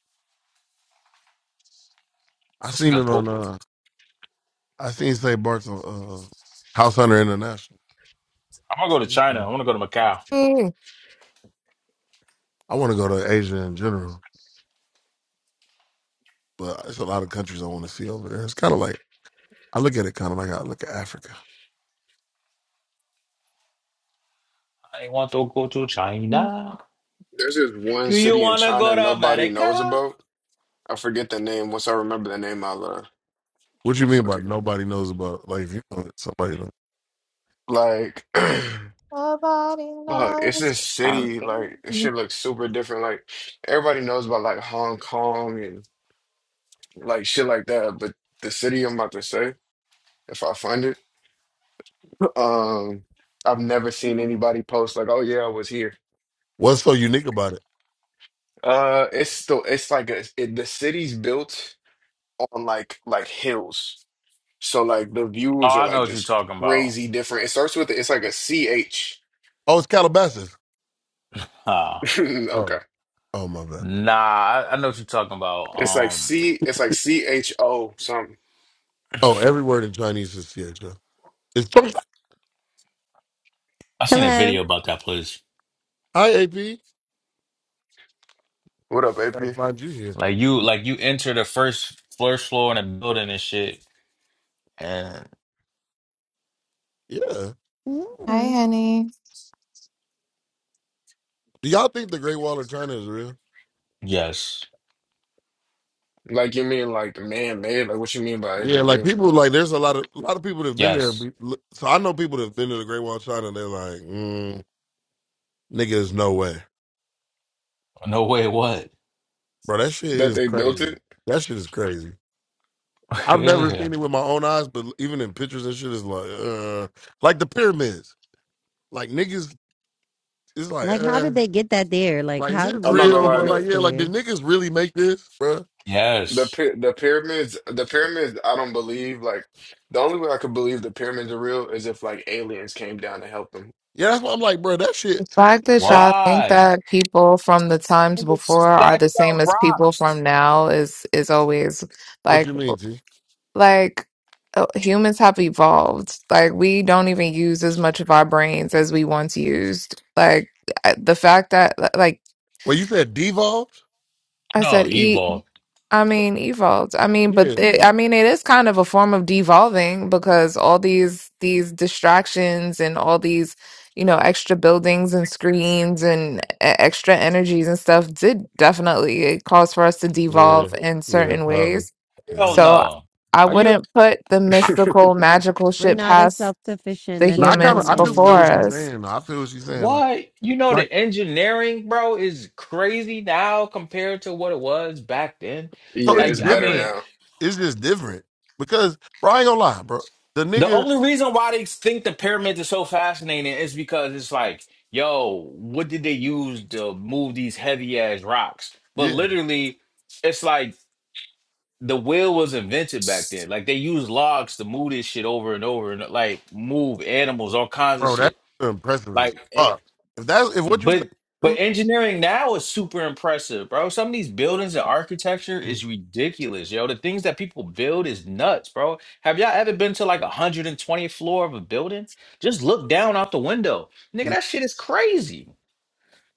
Speaker 16: I
Speaker 7: That's a
Speaker 16: seen
Speaker 7: good
Speaker 16: it on.
Speaker 7: poop.
Speaker 16: Uh, I seen St. Bart's on uh, House Hunter International.
Speaker 7: I'm gonna go to China. I wanna go to Macau.
Speaker 13: Mm.
Speaker 16: I want to go to Asia in general, but it's a lot of countries I want to see over there. It's kind of like I look at it kind of like I look at Africa.
Speaker 7: I want to go to China.
Speaker 17: this one
Speaker 7: Do you
Speaker 17: city in
Speaker 7: wanna go
Speaker 17: China
Speaker 7: to
Speaker 17: nobody knows
Speaker 7: America?
Speaker 17: about. I forget the name. Once I remember the name, I'll uh,
Speaker 16: What you mean by
Speaker 17: fucking
Speaker 16: nobody knows about? Like if you know it, somebody knows.
Speaker 17: like.
Speaker 13: Nobody
Speaker 17: Fuck, it's
Speaker 13: knows
Speaker 17: this
Speaker 13: it's from
Speaker 17: city. Like, this
Speaker 13: me.
Speaker 17: shit looks super different. Like, everybody knows about like Hong Kong and. like shit like that. But the city I'm about to say, if I find it, um, I've never seen anybody post like, "Oh yeah, I was here."
Speaker 16: What's so unique about it?
Speaker 17: Uh, it's still it's like a, it, the city's built on like like hills, so like the
Speaker 7: Oh,
Speaker 17: views are
Speaker 7: I know
Speaker 17: like
Speaker 7: what you're
Speaker 17: just
Speaker 7: talking about.
Speaker 17: crazy different. It starts with it's like a C H.
Speaker 16: Oh, it's Calabasas.
Speaker 7: Huh.
Speaker 16: Oh,
Speaker 17: Okay,
Speaker 16: oh my bad.
Speaker 7: Nah, I, I know what you're talking about.
Speaker 17: it's like
Speaker 7: Um
Speaker 17: C. It's like C H O something.
Speaker 16: Oh, every word in Chinese is yeah. John. It's Chong-
Speaker 7: I seen a
Speaker 18: Hello.
Speaker 7: video about that place.
Speaker 16: Hi, AP.
Speaker 17: What up, AP?
Speaker 16: I find you here.
Speaker 7: Like you like you enter the first first floor in a building and shit. And
Speaker 16: Yeah.
Speaker 13: Hi,
Speaker 18: Yeah.
Speaker 13: honey.
Speaker 16: Do y'all think the Great Wall of China is real?
Speaker 7: yes.
Speaker 17: Like you mean like man made? Like what you mean by is it
Speaker 16: Yeah, like
Speaker 17: real
Speaker 16: people like there's a lot of a lot of people that've been there.
Speaker 7: Yes.
Speaker 16: be- So I know people that've been to the Great Wall of China. and They're like, mm, nigga, there's no way,
Speaker 7: No way what?
Speaker 16: bro. That shit
Speaker 17: that
Speaker 16: is
Speaker 17: they built
Speaker 16: crazy.
Speaker 17: it?
Speaker 16: That shit is crazy. I've never
Speaker 7: yeah.
Speaker 16: seen it with my own eyes, but even in pictures and shit, it's like, uh, like the pyramids. Like niggas, it's like,
Speaker 18: Like, how
Speaker 16: uh,
Speaker 18: did they get that there? Like,
Speaker 16: like is
Speaker 18: how
Speaker 16: it
Speaker 18: did you
Speaker 17: I'm not
Speaker 18: get
Speaker 17: gonna
Speaker 16: real?
Speaker 17: lie
Speaker 18: them
Speaker 17: to
Speaker 16: But
Speaker 17: that.
Speaker 18: bricks
Speaker 16: like, yeah, like did
Speaker 18: there?
Speaker 16: niggas really make this, bro?
Speaker 17: The
Speaker 7: Yes.
Speaker 17: py- the pyramids, the pyramids, I don't believe. Like the only way I could believe the pyramids are real is if like aliens came down to help them.
Speaker 16: Yeah, that's why I'm like, bro, that
Speaker 13: The
Speaker 16: shit.
Speaker 13: fact that
Speaker 16: That,
Speaker 13: y'all think
Speaker 7: Why?
Speaker 13: that people from the times
Speaker 7: Niggas
Speaker 13: before are the
Speaker 7: stacked up
Speaker 13: same as people
Speaker 7: rocks.
Speaker 13: from now is is always
Speaker 16: what
Speaker 13: like
Speaker 16: you mean, T?
Speaker 13: like uh, humans have evolved. Like we don't even use as much of our brains as we once used. Like I- the fact that li- like
Speaker 16: Well, you said devolved.
Speaker 13: I
Speaker 7: No,
Speaker 13: said, "Eat."
Speaker 7: Evo.
Speaker 13: I mean, evolved. I mean, but
Speaker 16: Yeah,
Speaker 13: it, I mean, it is kind of a form of devolving because all these these distractions and all these, you know, extra buildings and screens and e- extra energies and stuff did definitely it caused for us to
Speaker 16: yeah,
Speaker 13: devolve in
Speaker 16: yeah,
Speaker 13: certain
Speaker 16: probably.
Speaker 13: ways.
Speaker 16: Yeah.
Speaker 7: Hell
Speaker 13: So
Speaker 7: no.
Speaker 13: I
Speaker 7: Are you
Speaker 13: wouldn't put the mystical, magical
Speaker 18: We're
Speaker 13: shit
Speaker 18: not as
Speaker 13: past
Speaker 18: self sufficient.
Speaker 13: the
Speaker 18: Men
Speaker 16: No, I
Speaker 18: don't
Speaker 16: kind of
Speaker 13: humans
Speaker 18: hunt
Speaker 16: I do
Speaker 13: before
Speaker 16: feel what she's
Speaker 18: anymore.
Speaker 13: us.
Speaker 16: saying. though. I feel what she's saying. Like
Speaker 7: what? You know the
Speaker 16: like
Speaker 7: engineering, bro, is crazy now compared to what it was back then.
Speaker 17: Yeah,
Speaker 16: so it's
Speaker 17: it's
Speaker 7: Like, I
Speaker 17: better
Speaker 7: mean,
Speaker 16: different.
Speaker 17: now.
Speaker 16: It's just different because bro, I ain't gonna lie, bro. The
Speaker 7: the
Speaker 16: nigga,
Speaker 7: only reason why they think the pyramids are so fascinating is because it's like, yo, what did they use to move these heavy ass rocks? But
Speaker 16: yeah,
Speaker 7: literally, it's like the wheel was invented back then. Like they used logs to move this shit over and over and like move animals, all kinds of
Speaker 16: bro, that's
Speaker 7: shit.
Speaker 16: impressive as
Speaker 7: Like, eh,
Speaker 16: fuck. If that's if what you say is
Speaker 7: but but
Speaker 16: true,
Speaker 7: engineering now is super impressive, bro. Some of these buildings and architecture
Speaker 17: Mm.
Speaker 7: is ridiculous, yo. The things that people build is nuts, bro. Have y'all ever been to like a 120th floor of a building? Just look down out the window, nigga.
Speaker 16: yeah,
Speaker 7: That shit is crazy.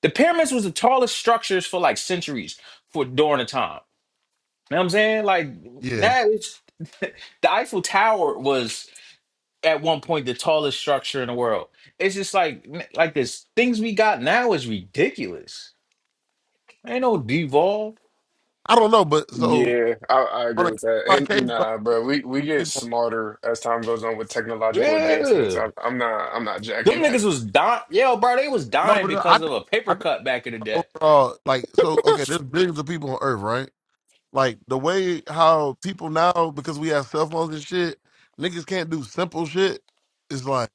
Speaker 7: The pyramids was the tallest structures for like centuries for during the time. You know what I'm saying? Like
Speaker 16: yeah.
Speaker 7: now it's The Eiffel Tower was at one point the tallest structure in the world. It's just like like this things we got now is ridiculous. Ain't no devolve.
Speaker 16: I don't know, but so
Speaker 17: Yeah, I, I
Speaker 16: on
Speaker 17: agree
Speaker 16: a case
Speaker 17: with that.
Speaker 16: by
Speaker 17: And
Speaker 16: case, like
Speaker 17: nah, bro, we we get
Speaker 16: people,
Speaker 17: smarter as time goes on with technological advancements.
Speaker 7: Yeah.
Speaker 17: I, I'm not I'm not jacking
Speaker 7: Them
Speaker 17: that.
Speaker 7: niggas was dying. Yo, bro, they was
Speaker 16: no,
Speaker 7: dying
Speaker 16: but uh, I
Speaker 7: because of
Speaker 16: think
Speaker 7: a
Speaker 16: I
Speaker 7: paper
Speaker 16: think
Speaker 7: cut back in the day.
Speaker 16: overall, like so, okay, there's billions of people on Earth, right? Like the way how people now because we have cell phones and shit, niggas can't do simple shit. It's like.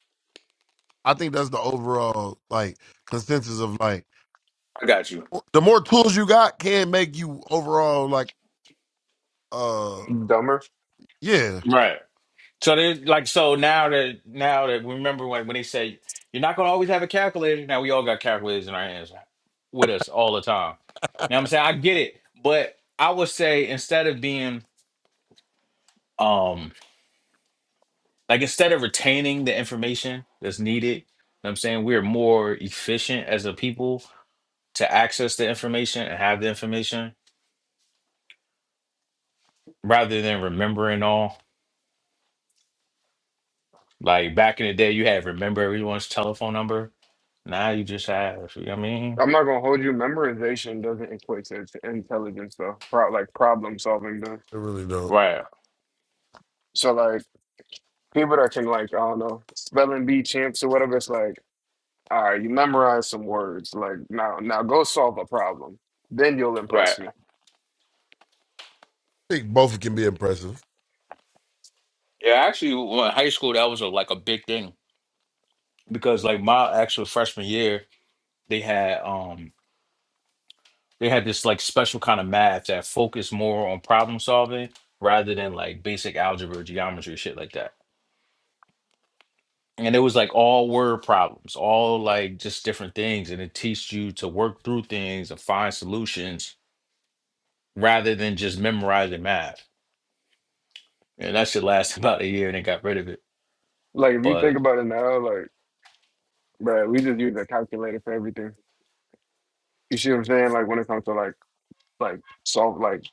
Speaker 16: I think that's the overall like consensus of like
Speaker 7: I got you.
Speaker 16: the more tools you got can make you overall like uh
Speaker 17: Dumber.
Speaker 16: yeah.
Speaker 7: Right. So they like so now that now that remember when when they say you're not gonna always have a calculator. Now we all got calculators in our hands with us all the time. You know what I'm saying? I get it, but I would say instead of being um Like instead of retaining the information that's needed, know what I'm saying we're more efficient as a people to access the information and have the information rather than remembering all. Like back in the day, you had to remember everyone's telephone number. Now you just have, you know what I mean?
Speaker 17: I'm not gonna hold you. Memorization doesn't equate to to intelligence though. Pro like problem solving does.
Speaker 16: It really don't.
Speaker 7: Right,
Speaker 17: So like people that can like I don't know spelling bee champs or whatever. It's like. All right, you memorize some words. Like now, now go solve a problem. Then you'll
Speaker 7: right.
Speaker 17: impress me.
Speaker 16: I think both can be impressive.
Speaker 7: Yeah, actually, well, in high school, that was a, like a big thing because like my actual freshman year, they had um They had this like special kind of math that focused more on problem solving rather than like basic algebra, geometry, shit like that. And it was like all word problems, all like just different things. And it teaches you to work through things and find solutions rather than just memorizing math. And that shit lasted about a year and they got rid of it.
Speaker 17: Like if you think
Speaker 7: But
Speaker 17: about it now, like bruh, we just use a calculator for everything. You see what I'm saying? Like when it comes to like like solve like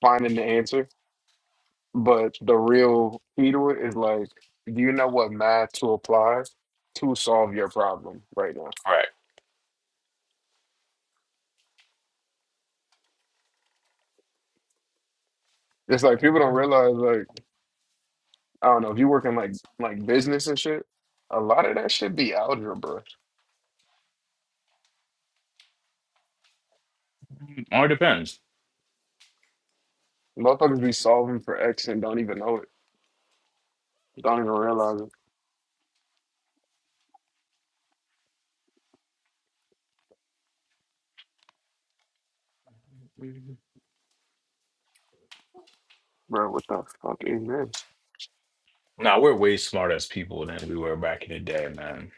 Speaker 17: finding the answer. But the real key to it is like, do you know what math to apply to solve your problem right now?
Speaker 7: right.
Speaker 17: It's like people don't realize like I don't know if you work in like like business and shit, a lot of that should be algebra.
Speaker 7: Or it depends.
Speaker 17: Motherfuckers be solving for X and don't even know it. Don't even realize it, bro. What the fuck is this?
Speaker 7: Now we're way smarter as people than we were back in the day, man.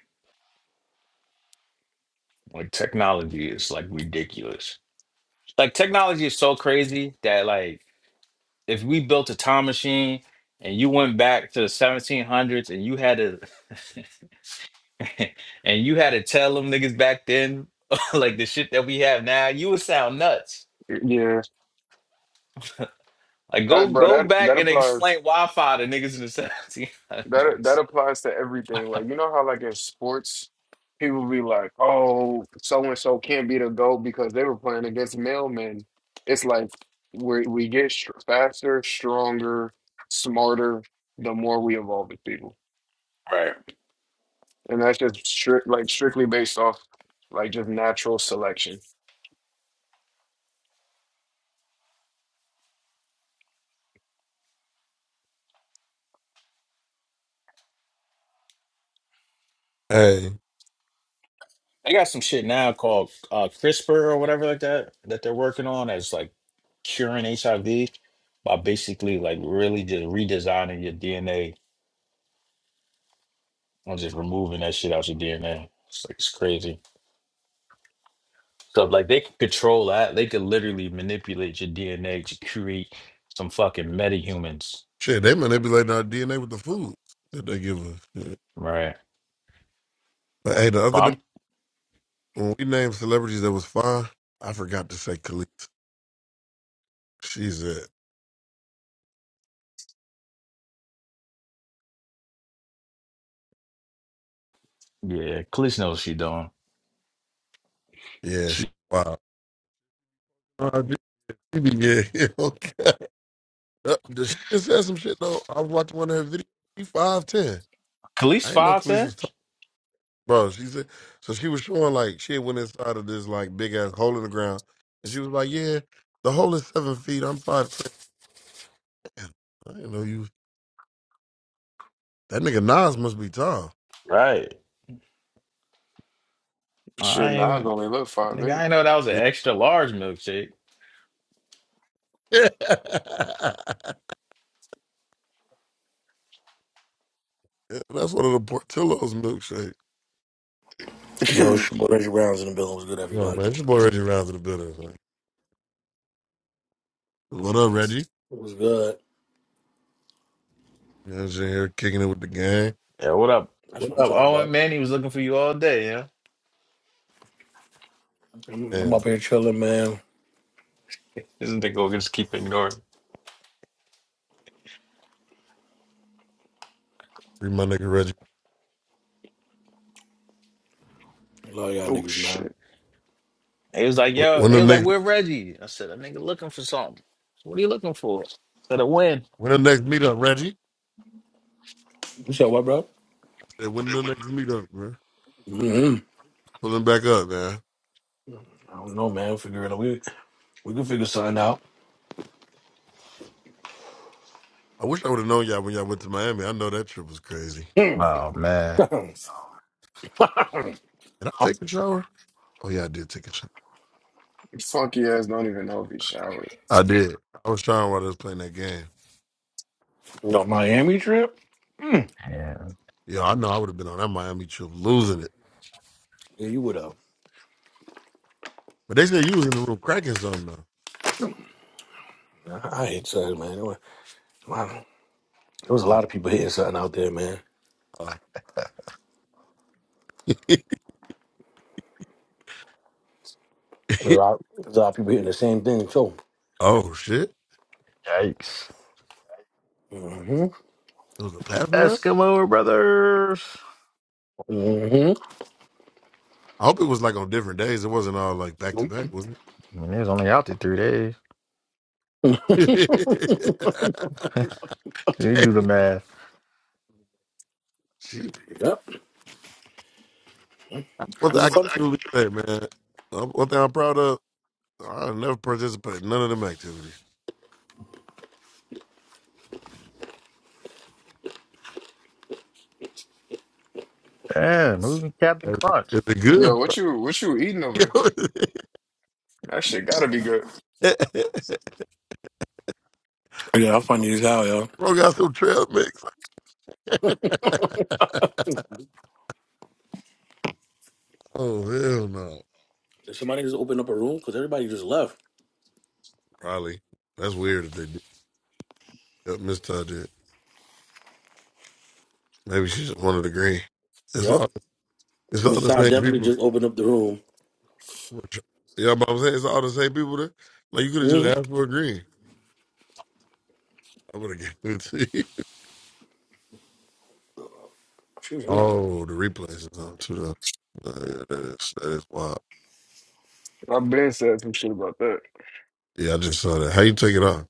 Speaker 7: Like technology is like ridiculous. like technology is so crazy that like if we built a time machine and you went back to the 1700s and you had to and you had to tell them niggas back then like the shit that we have now you would sound nuts
Speaker 17: Yeah,
Speaker 7: like go
Speaker 17: that, bro.
Speaker 7: go
Speaker 17: That
Speaker 7: back
Speaker 17: that
Speaker 7: and
Speaker 17: applies.
Speaker 7: explain wi-fi to niggas in the
Speaker 17: That
Speaker 7: 1700s
Speaker 17: that applies to everything. Like you know how like in sports, people be like, "Oh, so and so can't be the goat because they were playing against mailmen." It's like we we get str faster, stronger, smarter the more we evolve as people,
Speaker 7: Right.
Speaker 17: and that's just stri like strictly based off like just natural selection.
Speaker 16: Hey.
Speaker 7: they got some shit now called uh crispr or whatever like that that they're working on as like curing hiv by basically like really just redesigning your dna I'm just removing that shit out your DNA. It's like it's crazy. So like they can control that. They could literally manipulate your DNA to create some fucking metahumans.
Speaker 16: Shit, they manipulating our DNA with the foods that they give us. Yeah.
Speaker 7: Right.
Speaker 16: But hey, the
Speaker 7: But
Speaker 16: other day
Speaker 7: I'm
Speaker 16: when we named celebrities that was fine, I forgot to say Khalees. She's it.
Speaker 7: Yeah. Khalees knows what she doing.
Speaker 16: Yeah, she
Speaker 7: She
Speaker 16: wow. Uh, she be- yeah, yeah, okay. Did she just said some shit though? I was watching one of her videos. She five ten.
Speaker 7: Khalees
Speaker 16: I didn't know
Speaker 7: five
Speaker 16: Khalees
Speaker 7: ten?
Speaker 16: was Bro, she said so she was showing like she had went inside of this like big ass hole in the ground and she was like, Yeah, the hole is seven feet, I'm five ten. I didn't know you that nigga Nas must be tall.
Speaker 7: Right. I
Speaker 17: Shit, now I
Speaker 7: ain't
Speaker 17: only live five
Speaker 7: nigga, I ain't know that was an
Speaker 16: Yeah.
Speaker 7: extra large milkshake.
Speaker 16: That's one of the Portillo's milkshake.
Speaker 19: Yo,
Speaker 17: eight.
Speaker 19: it's your boy Reggie Brown's in the building. What's good,
Speaker 16: Yo,
Speaker 19: everybody?
Speaker 16: man, it's your boy Reggie Rounds in the building. man. What up, Reggie?
Speaker 19: What's good?
Speaker 16: You know, just here kicking it with the gang.
Speaker 7: Yeah, what up?
Speaker 19: That's what
Speaker 7: What
Speaker 19: I'm
Speaker 7: up?
Speaker 19: talking
Speaker 7: Owen
Speaker 19: about.
Speaker 7: Manny was looking for you all day, yeah.
Speaker 19: I'm, I'm up
Speaker 16: Damn,
Speaker 19: here chilling, man.
Speaker 7: not they gonna just keep ignoring.
Speaker 16: free my nigga Reggie.
Speaker 19: Love y'all
Speaker 17: Oh
Speaker 19: niggas,
Speaker 17: shit.
Speaker 19: man.
Speaker 7: They was like,
Speaker 16: Wh-
Speaker 7: yo,
Speaker 16: When
Speaker 7: they
Speaker 16: the
Speaker 7: was like,
Speaker 16: next
Speaker 7: where Reggie? I said, a nigga looking for something. So, What are you looking for? I said a win.
Speaker 16: when the next meetup, Reggie? I
Speaker 19: You said what, bro?
Speaker 16: said, when the next meetup, man?
Speaker 19: hmm
Speaker 16: Pulling back up, man.
Speaker 19: I don't know, man. Figure it out. We we can figure something out.
Speaker 16: I wish I would have known y'all when y'all went to Miami. I know that trip was crazy.
Speaker 19: Mm.
Speaker 7: Oh man,
Speaker 16: Did I take a shower? Oh yeah, I did take a shower.
Speaker 17: funky ass don't even know if he showered.
Speaker 16: I did. I was showering while I was playing that game.
Speaker 19: Your Miami trip?
Speaker 7: yeah,
Speaker 16: Yeah, I know I would have been on that Miami trip losing it.
Speaker 19: Yeah, you would have.
Speaker 16: But they said you was in the room cracking something though.
Speaker 19: I I hate something, man. It was, wow. There was a lot of people hitting something out there, man.
Speaker 16: Uh, uh,
Speaker 19: There's a lot, there's a lot of people hitting the same thing too.
Speaker 16: oh shit!
Speaker 7: yikes!
Speaker 19: hmm
Speaker 16: It was a passing round.
Speaker 7: Eskimo brothers.
Speaker 19: hmm
Speaker 16: I hope it was like on different days. It wasn't all like back to back, was it?
Speaker 7: I mean, they was only out there three days. They do the
Speaker 16: Damn.
Speaker 7: math.
Speaker 16: She,
Speaker 19: yep.
Speaker 16: that's
Speaker 19: It
Speaker 16: what
Speaker 19: was
Speaker 16: I
Speaker 19: a
Speaker 16: can
Speaker 19: fun.
Speaker 16: truly say, man. Uh, One thing I'm proud of, I never participated in none of them activities.
Speaker 7: Yeah, moving Captain
Speaker 16: Is it is
Speaker 7: Crunch.
Speaker 16: it
Speaker 17: Yo,
Speaker 16: good?
Speaker 17: what you what you eating over
Speaker 16: You
Speaker 17: there?
Speaker 16: know,
Speaker 17: That shit gotta be good.
Speaker 19: Yeah, I'll that's funny as hell, yo.
Speaker 16: Bro got some trail mix. oh hell no!
Speaker 19: Did somebody just open up a room? Because everybody just left.
Speaker 16: Probably that's weird if they did. Yep, Miss Todd did. Maybe she just wanted to green. It's
Speaker 19: Yep.
Speaker 16: all it's all
Speaker 19: Miss
Speaker 16: the
Speaker 19: Todd
Speaker 16: same
Speaker 19: definitely
Speaker 16: people.
Speaker 19: just opened up the room.
Speaker 16: Yeah, but I'm saying it's all the same people. That, like you could have just
Speaker 19: hmm
Speaker 16: asked for a green. I would have given it to you.
Speaker 19: Excuse me.
Speaker 16: Oh, the replays is on too though. Uh, yeah, that is that is wild.
Speaker 17: I've been said some shit about that.
Speaker 16: Yeah, I just saw that. How you take it off?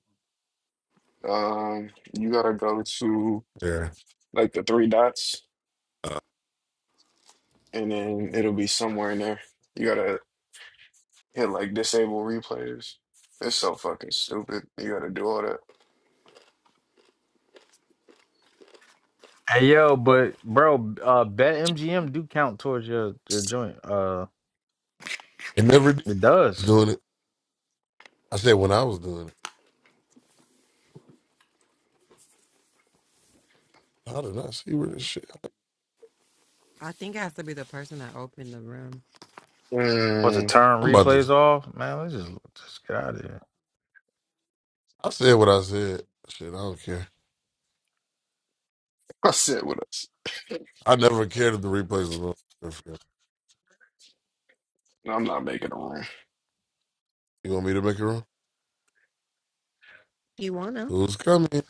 Speaker 17: Um, you gotta go to
Speaker 16: Yeah,
Speaker 17: like the three dots,
Speaker 16: uh,
Speaker 17: and then it'll be somewhere in there. You gotta hit like disable replays. It's so fucking stupid. You gotta do all that.
Speaker 7: Hey yo, but bro, uh, bet MGM do count towards your, your joint. Uh,
Speaker 16: it never did
Speaker 7: it
Speaker 16: was
Speaker 7: does.
Speaker 16: doing it. I said when I was doing it. I did not see where this shit.
Speaker 18: I think it has to be the person that opened the room.
Speaker 7: What's the
Speaker 17: Mm,
Speaker 7: turn
Speaker 16: I'm about
Speaker 7: replays
Speaker 16: to.
Speaker 7: off? Man, let's just just get out of here.
Speaker 16: I said what I said. Shit, I don't care.
Speaker 17: I said with us.
Speaker 16: I never cared if the replays was on.
Speaker 17: No, I'm not making a room.
Speaker 16: You want me to make it wrong?
Speaker 18: You wanna?
Speaker 16: Who's coming?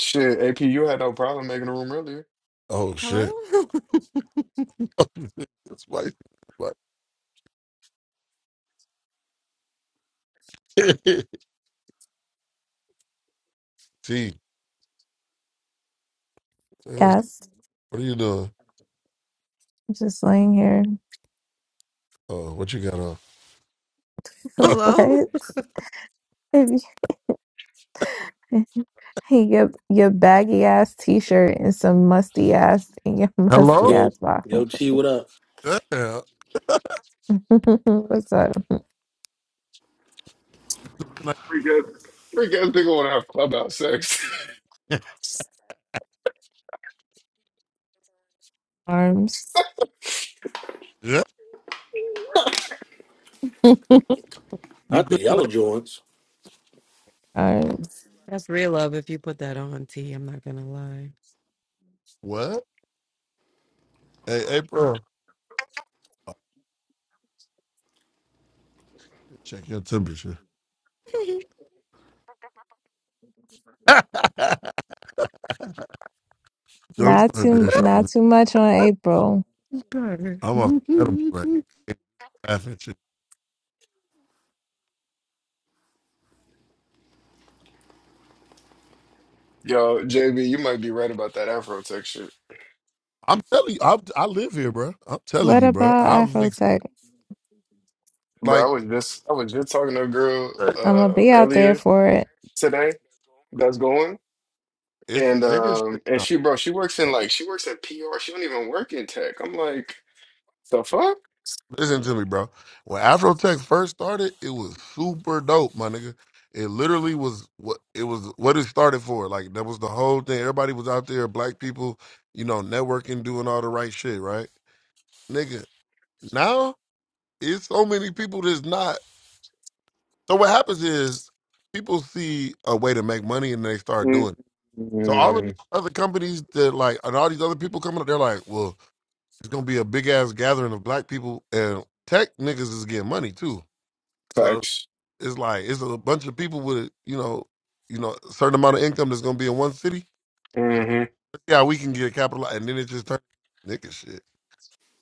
Speaker 17: Shit, AP, you had no problem making a room earlier.
Speaker 16: Oh
Speaker 18: Hello?
Speaker 16: shit! it's spicy. Like, T, what
Speaker 13: Yes,
Speaker 16: are you doing?
Speaker 13: I'm just laying here.
Speaker 16: Oh, what you got on?
Speaker 13: what?
Speaker 18: Hello?
Speaker 13: If you- Hey, your your baggy ass t shirt and some musty ass and your musty
Speaker 16: Hello?
Speaker 19: Yo,
Speaker 13: ass
Speaker 19: yo,
Speaker 13: bottom.
Speaker 19: T, what up?
Speaker 16: Yeah.
Speaker 13: What's up?
Speaker 16: Like,
Speaker 17: Freak ass, freak ass nigga wanna have clubhouse sex.
Speaker 13: Arms.
Speaker 16: yeah. You
Speaker 19: Not the
Speaker 16: good
Speaker 19: yellow
Speaker 16: tonight?
Speaker 19: joints.
Speaker 13: Arms.
Speaker 18: That's real love if you put that on, T. I'm not gonna lie.
Speaker 16: What? Hey, April. Oh, check your temperature. don't
Speaker 13: Not
Speaker 16: start that
Speaker 13: too
Speaker 16: shit.
Speaker 13: not
Speaker 16: Man.
Speaker 13: too much on April.
Speaker 18: Brr.
Speaker 16: I'm off edible right. now.
Speaker 17: Yo, JB, you might be right about that Afro tech shit.
Speaker 16: I'm telling you, I, I live here, bro. I'm telling
Speaker 13: What
Speaker 16: you, bro.
Speaker 13: about
Speaker 16: I've ex-
Speaker 13: Afrotech?
Speaker 16: like
Speaker 17: Bro, I was just I was just talking to a girl
Speaker 13: I'm gonna
Speaker 17: uh
Speaker 13: be out there
Speaker 17: earlier
Speaker 13: for it.
Speaker 17: today that's going
Speaker 16: it's
Speaker 17: and
Speaker 16: nigga shit
Speaker 17: um and
Speaker 16: now.
Speaker 17: she bro, she works in like she works in PR. She don't even work in tech. I'm like, the fuck?
Speaker 16: Listen to me, bro. When Afrotech first started, it was super dope, my nigga. It literally was what it was what it started for. Like that was the whole thing. Everybody was out there, black people, you know, networking, doing all the right shit, right? Nigga, now it's so many people that's not. So what happens is people see a way to make money and they start doing. it. So all of
Speaker 17: Mm-hmm.
Speaker 16: these other companies that like, and all these other people coming up, they're like, well, it's gonna be a big ass gathering of black people, and tech niggas is getting money too. So
Speaker 17: Facts.
Speaker 16: it's like it's a bunch of people with you know, you know, a certain amount of income that's gonna be in one city. Let's
Speaker 17: hmm
Speaker 16: see how we can get capital, and then it just turns nigga shit.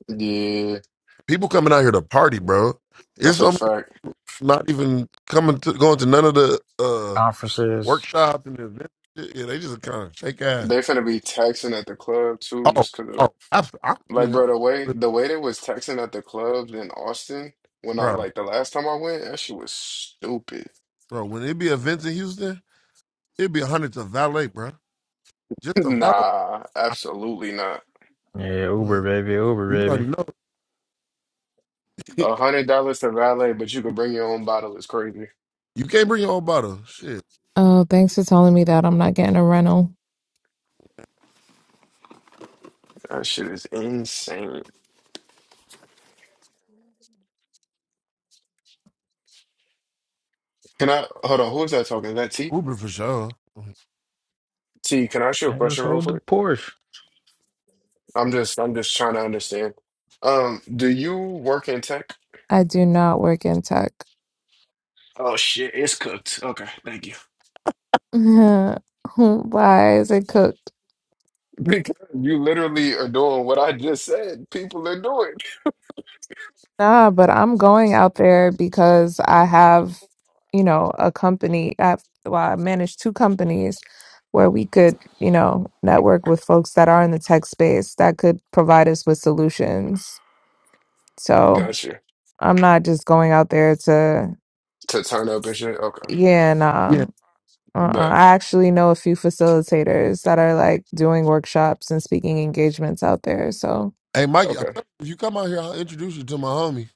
Speaker 17: Yeah,
Speaker 16: People coming out here to party, bro. It's
Speaker 17: that's
Speaker 16: so
Speaker 17: a
Speaker 16: many people
Speaker 17: fact.
Speaker 16: not even coming to going to none of the uh
Speaker 7: Conferences.
Speaker 16: workshops and events. Yeah, they just kind of shake ass.
Speaker 17: They finna be taxing at the club too,
Speaker 16: Oh,
Speaker 17: just 'cause of that.
Speaker 16: oh, I, I,
Speaker 17: Like
Speaker 16: nigga,
Speaker 17: bro, the way
Speaker 16: I
Speaker 17: the way they was taxing at the clubs in Austin when I
Speaker 16: bro.
Speaker 17: like the last time I went, that shit was stupid.
Speaker 16: Bro, when it be events in Houston, it'd be a hundred to valet, bro. Just a valet.
Speaker 17: Nah,
Speaker 16: I,
Speaker 17: absolutely not.
Speaker 7: Yeah, Uber
Speaker 16: like,
Speaker 7: baby, Uber
Speaker 16: you already
Speaker 7: baby.
Speaker 16: know.
Speaker 17: A hundred dollars to valet, but you could bring your own bottle is crazy.
Speaker 16: you can't bring your own bottle. Shit.
Speaker 13: Oh, thanks for telling me that I'm not getting a rental.
Speaker 17: That shit is insane. Can I hold on? Who is that talking? Is that T?
Speaker 16: Uber for sure.
Speaker 17: T, can I ask you a
Speaker 7: Man, just
Speaker 17: question real
Speaker 7: hold the
Speaker 17: quick?
Speaker 7: Porsche.
Speaker 17: I'm just I'm just trying to understand. Um, do you work in tech?
Speaker 13: I do not work in tech.
Speaker 17: Oh shit, it's cooked. Okay, thank you.
Speaker 13: Why is it cooked?
Speaker 17: Because you literally are doing what I just said. People are doing.
Speaker 13: Nah, but I'm going out there because I have, you know, a company. I've, well, I manage two companies where we could, you know, network with folks that are in the tech space that could provide us with solutions. So
Speaker 17: Gotcha.
Speaker 13: I'm not just going out there to,
Speaker 17: to turn up and shit. Okay,
Speaker 13: yeah,
Speaker 16: Yeah.
Speaker 13: nah. Uh-uh.
Speaker 17: bet.
Speaker 13: I actually know a few facilitators that are like doing workshops and speaking engagements out there. So
Speaker 16: Hey, Mikey, I'm
Speaker 17: Okay,
Speaker 16: telling you, if you come out here, I'll introduce you to my homie.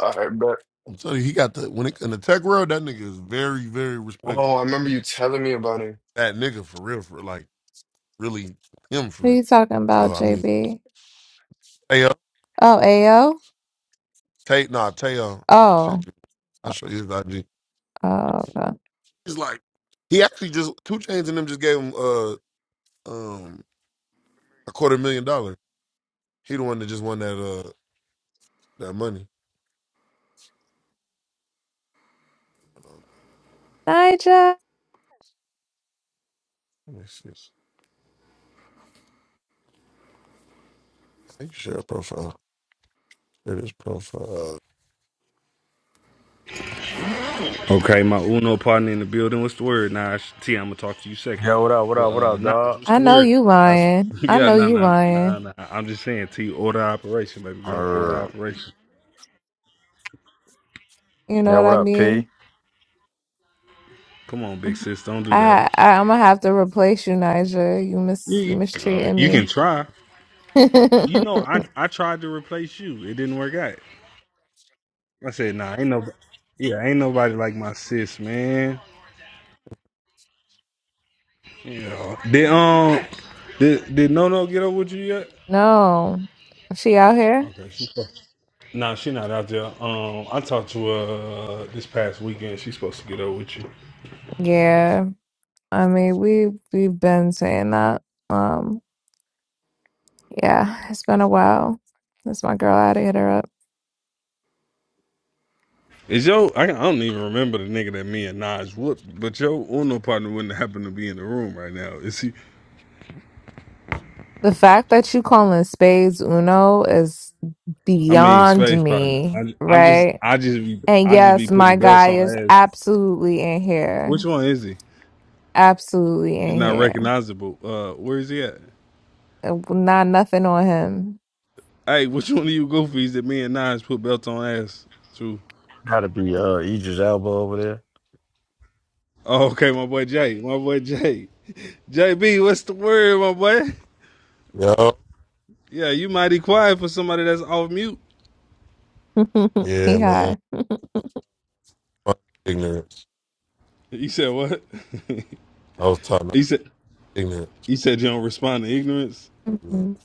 Speaker 17: all right, bet.
Speaker 16: I'm telling you, he got the, when it, in the tech world, that nigga is very, very respected.
Speaker 17: Oh, I remember you telling me about him.
Speaker 16: That nigga for real, for like, really him for
Speaker 13: who are
Speaker 16: real.
Speaker 13: you talking about,
Speaker 16: So, I mean,
Speaker 13: JB?
Speaker 16: Taya,
Speaker 13: Oh, AO?
Speaker 16: Tay, nah, Taya, I
Speaker 13: Oh.
Speaker 16: sent you, I'll
Speaker 13: Oh,
Speaker 16: show you his IG.
Speaker 13: uh, uh,
Speaker 16: He's like, he actually just, Two Chains and them just gave him, uh, um, a quarter million dollar. He the one that just won that uh that money. Hold
Speaker 13: Nigel,
Speaker 16: on. Let me see. I think you share a profile. Share this profile.
Speaker 20: Okay, my Uno partner in the building. What's the word, Nah, T, I'm gonna talk to you second.
Speaker 7: Yo, what up? What
Speaker 20: But
Speaker 7: up? What
Speaker 20: uh,
Speaker 7: up,
Speaker 20: Naj,
Speaker 7: dog?
Speaker 20: what's
Speaker 13: I
Speaker 20: the
Speaker 13: know
Speaker 20: word?
Speaker 13: you
Speaker 7: That's
Speaker 13: lying. I
Speaker 20: yeah,
Speaker 13: know
Speaker 20: nah,
Speaker 13: you
Speaker 20: nah, nah,
Speaker 13: lying.
Speaker 20: nah. I'm just saying, T, order operation, baby girl, order
Speaker 7: uh,
Speaker 20: operation.
Speaker 13: You know
Speaker 7: yo,
Speaker 13: what
Speaker 7: what
Speaker 13: I
Speaker 7: up, P?
Speaker 13: mean?
Speaker 20: Come on, big sis, don't do that.
Speaker 13: I, I I'm gonna have to replace you, Nigel. You
Speaker 20: You,
Speaker 13: mis you
Speaker 20: you, uh,
Speaker 13: mistreating
Speaker 20: you can
Speaker 13: me.
Speaker 20: try. You know, I I tried to replace you. It didn't work out. I said, nah, ain't no, yeah, ain't nobody like my sis, man. Yeah. Did um, did did No No get up with you yet?
Speaker 13: No, she out here?
Speaker 20: Okay, she's supposed. Nah, she not out there. Um, I talked to her uh, this past weekend. She's supposed to get up with you.
Speaker 13: Yeah. I mean, we we've been saying that. Um, yeah, it's been a while. That's my girl. I had to hit her up.
Speaker 20: Is yo? I, I don't even remember the nigga that me and Nas whooped, but your Uno partner wouldn't happen to be in the room right now. Is he?
Speaker 13: The fact that you calling spades Uno is
Speaker 20: I mean,
Speaker 13: beyond
Speaker 20: space partner.
Speaker 13: me,
Speaker 20: I, I'm just,
Speaker 13: right?
Speaker 20: I just be,
Speaker 13: And
Speaker 20: I just be
Speaker 13: yes,
Speaker 20: putting
Speaker 13: my
Speaker 20: belts
Speaker 13: guy
Speaker 20: on
Speaker 13: is
Speaker 20: ass.
Speaker 13: absolutely in
Speaker 20: Which
Speaker 13: here.
Speaker 20: one is he?
Speaker 13: Absolutely
Speaker 20: He's
Speaker 13: in
Speaker 20: not
Speaker 13: here.
Speaker 20: recognizable. Uh, where is he at?
Speaker 13: Uh, Not nothing on him.
Speaker 20: Hey, which one of you goofies that me and Nas put belts on ass to?
Speaker 7: Gotta be uh Idris Elba over there.
Speaker 20: Oh, okay, my boy Jay. My boy Jay. JB, what's the word, my boy?
Speaker 16: Yo.
Speaker 20: Yeah, you mighty quiet for somebody that's off mute.
Speaker 16: Yeah,
Speaker 13: he
Speaker 16: man.
Speaker 13: high.
Speaker 16: Fuck Ignorance.
Speaker 20: You said what?
Speaker 16: I was talking about
Speaker 20: he said He said you don't respond to ignorance.
Speaker 16: ignorance.
Speaker 13: Mhm.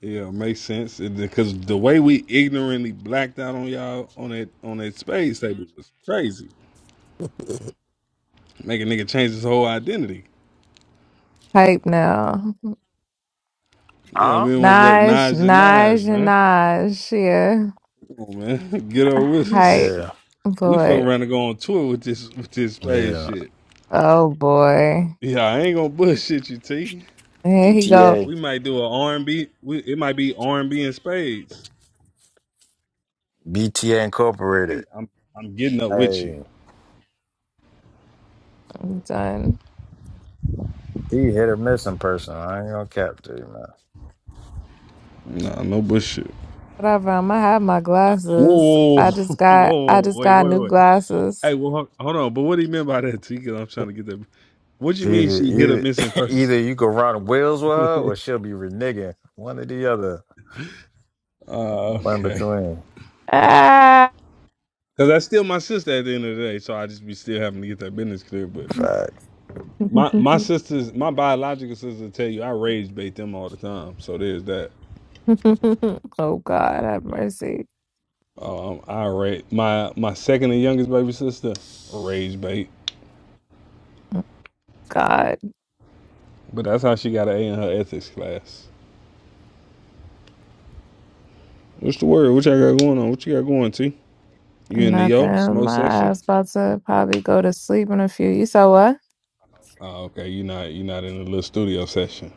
Speaker 20: Yeah, makes sense. Because the way we ignorantly blacked out on y'all on that on that space table was crazy. Make a nigga change his whole identity.
Speaker 13: Hype now.
Speaker 20: Yeah,
Speaker 7: Huh?
Speaker 20: me and my boy
Speaker 13: Naj,
Speaker 20: Naj and Naj,
Speaker 13: Naj, and
Speaker 20: man.
Speaker 13: Naj. Yeah.
Speaker 20: Come on, man. Get over with
Speaker 13: Hype.
Speaker 20: us.
Speaker 7: Yeah,
Speaker 20: We fuck
Speaker 13: Boy.
Speaker 20: around and go on tour with this with this space
Speaker 7: yeah.
Speaker 20: shit.
Speaker 13: Oh, boy.
Speaker 20: Yeah, I ain't gonna bullshit you, T.
Speaker 13: Here he go.
Speaker 7: BTA,
Speaker 20: We might do an R and B. We It might be R and B and spades.
Speaker 7: BTA
Speaker 20: T,
Speaker 7: Incorporated.
Speaker 20: I'm I'm getting up with you.
Speaker 7: Hey,
Speaker 13: I'm done.
Speaker 7: he hit or miss in person. I ain't gonna cap to you, man.
Speaker 20: Nah, no bullshit.
Speaker 13: Whatever. I'm gonna have my glasses. I
Speaker 20: Whoa, whoa,
Speaker 13: just
Speaker 20: whoa,
Speaker 13: got, I
Speaker 20: whoa,
Speaker 13: just
Speaker 20: wait,
Speaker 13: got
Speaker 20: wait,
Speaker 13: new
Speaker 20: wait.
Speaker 13: glasses.
Speaker 20: Hey, well, hold hold on. But what do you mean by that, T? Because I'm trying to get that. What you mean
Speaker 7: Either,
Speaker 20: she hit a
Speaker 7: either,
Speaker 20: missing
Speaker 7: either
Speaker 20: person?
Speaker 7: you can run wheels with her,
Speaker 20: uh,
Speaker 7: or she'll be reneging. One or the other. One
Speaker 20: okay.
Speaker 7: between.
Speaker 13: Ah.
Speaker 20: Because that's still my sister at the end of the day, so I just be still having to get that business clear. But
Speaker 7: Facts.
Speaker 20: my my
Speaker 13: oh,
Speaker 20: sisters, my biological sisters, tell you I rage bait them all the time. So there's that.
Speaker 13: God. Have mercy.
Speaker 20: Um, I rate my my second and youngest baby sister rage bait,
Speaker 13: God,
Speaker 20: but that's how she got an A in her ethics class. What's the word? What y'all got going on? What you got going, T? You in the yo
Speaker 13: nothing.
Speaker 20: smoke
Speaker 13: My
Speaker 20: section?
Speaker 13: ass about to probably go to sleep in a few. You saw what?
Speaker 20: Oh, okay. You not you not in the little studio session.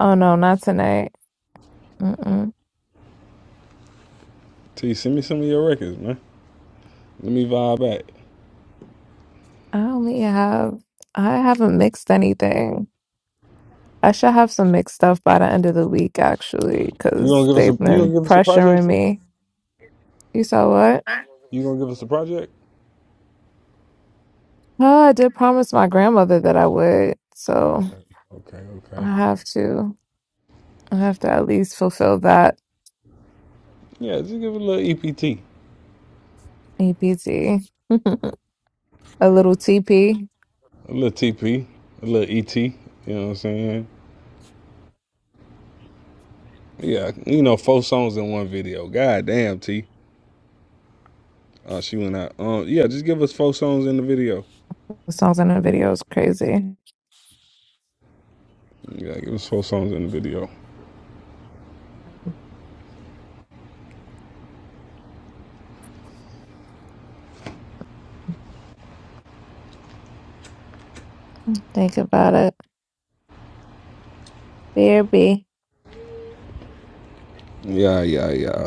Speaker 13: Oh no, not tonight. Mm-mm.
Speaker 20: T, send me some of your records, man. Let me vibe back.
Speaker 13: I only have. I haven't mixed anything. I should have some mixed stuff by the end of the week, actually,
Speaker 20: You gonna
Speaker 13: because
Speaker 20: give us
Speaker 13: they've
Speaker 20: a you gonna
Speaker 13: been
Speaker 20: give us a
Speaker 13: pressuring
Speaker 20: project, T?
Speaker 13: me. You saw what?
Speaker 20: You gonna give us a project?
Speaker 13: Oh, I did promise my grandmother that I would, so
Speaker 20: Okay, okay, okay.
Speaker 13: I have to. I have to at least fulfill that.
Speaker 20: Yeah, just give it a little EPT, a
Speaker 13: APT. a little TP.
Speaker 20: little TP, a little ET. You know what I'm saying? Yeah, you know, four songs in one video. God damn, T. Uh, she went out. Um, yeah, just give us four songs in the video.
Speaker 13: The songs in the video is crazy.
Speaker 20: Yeah, give us four songs in the video.
Speaker 13: Think about it. baby
Speaker 20: Yeah, yeah, yeah.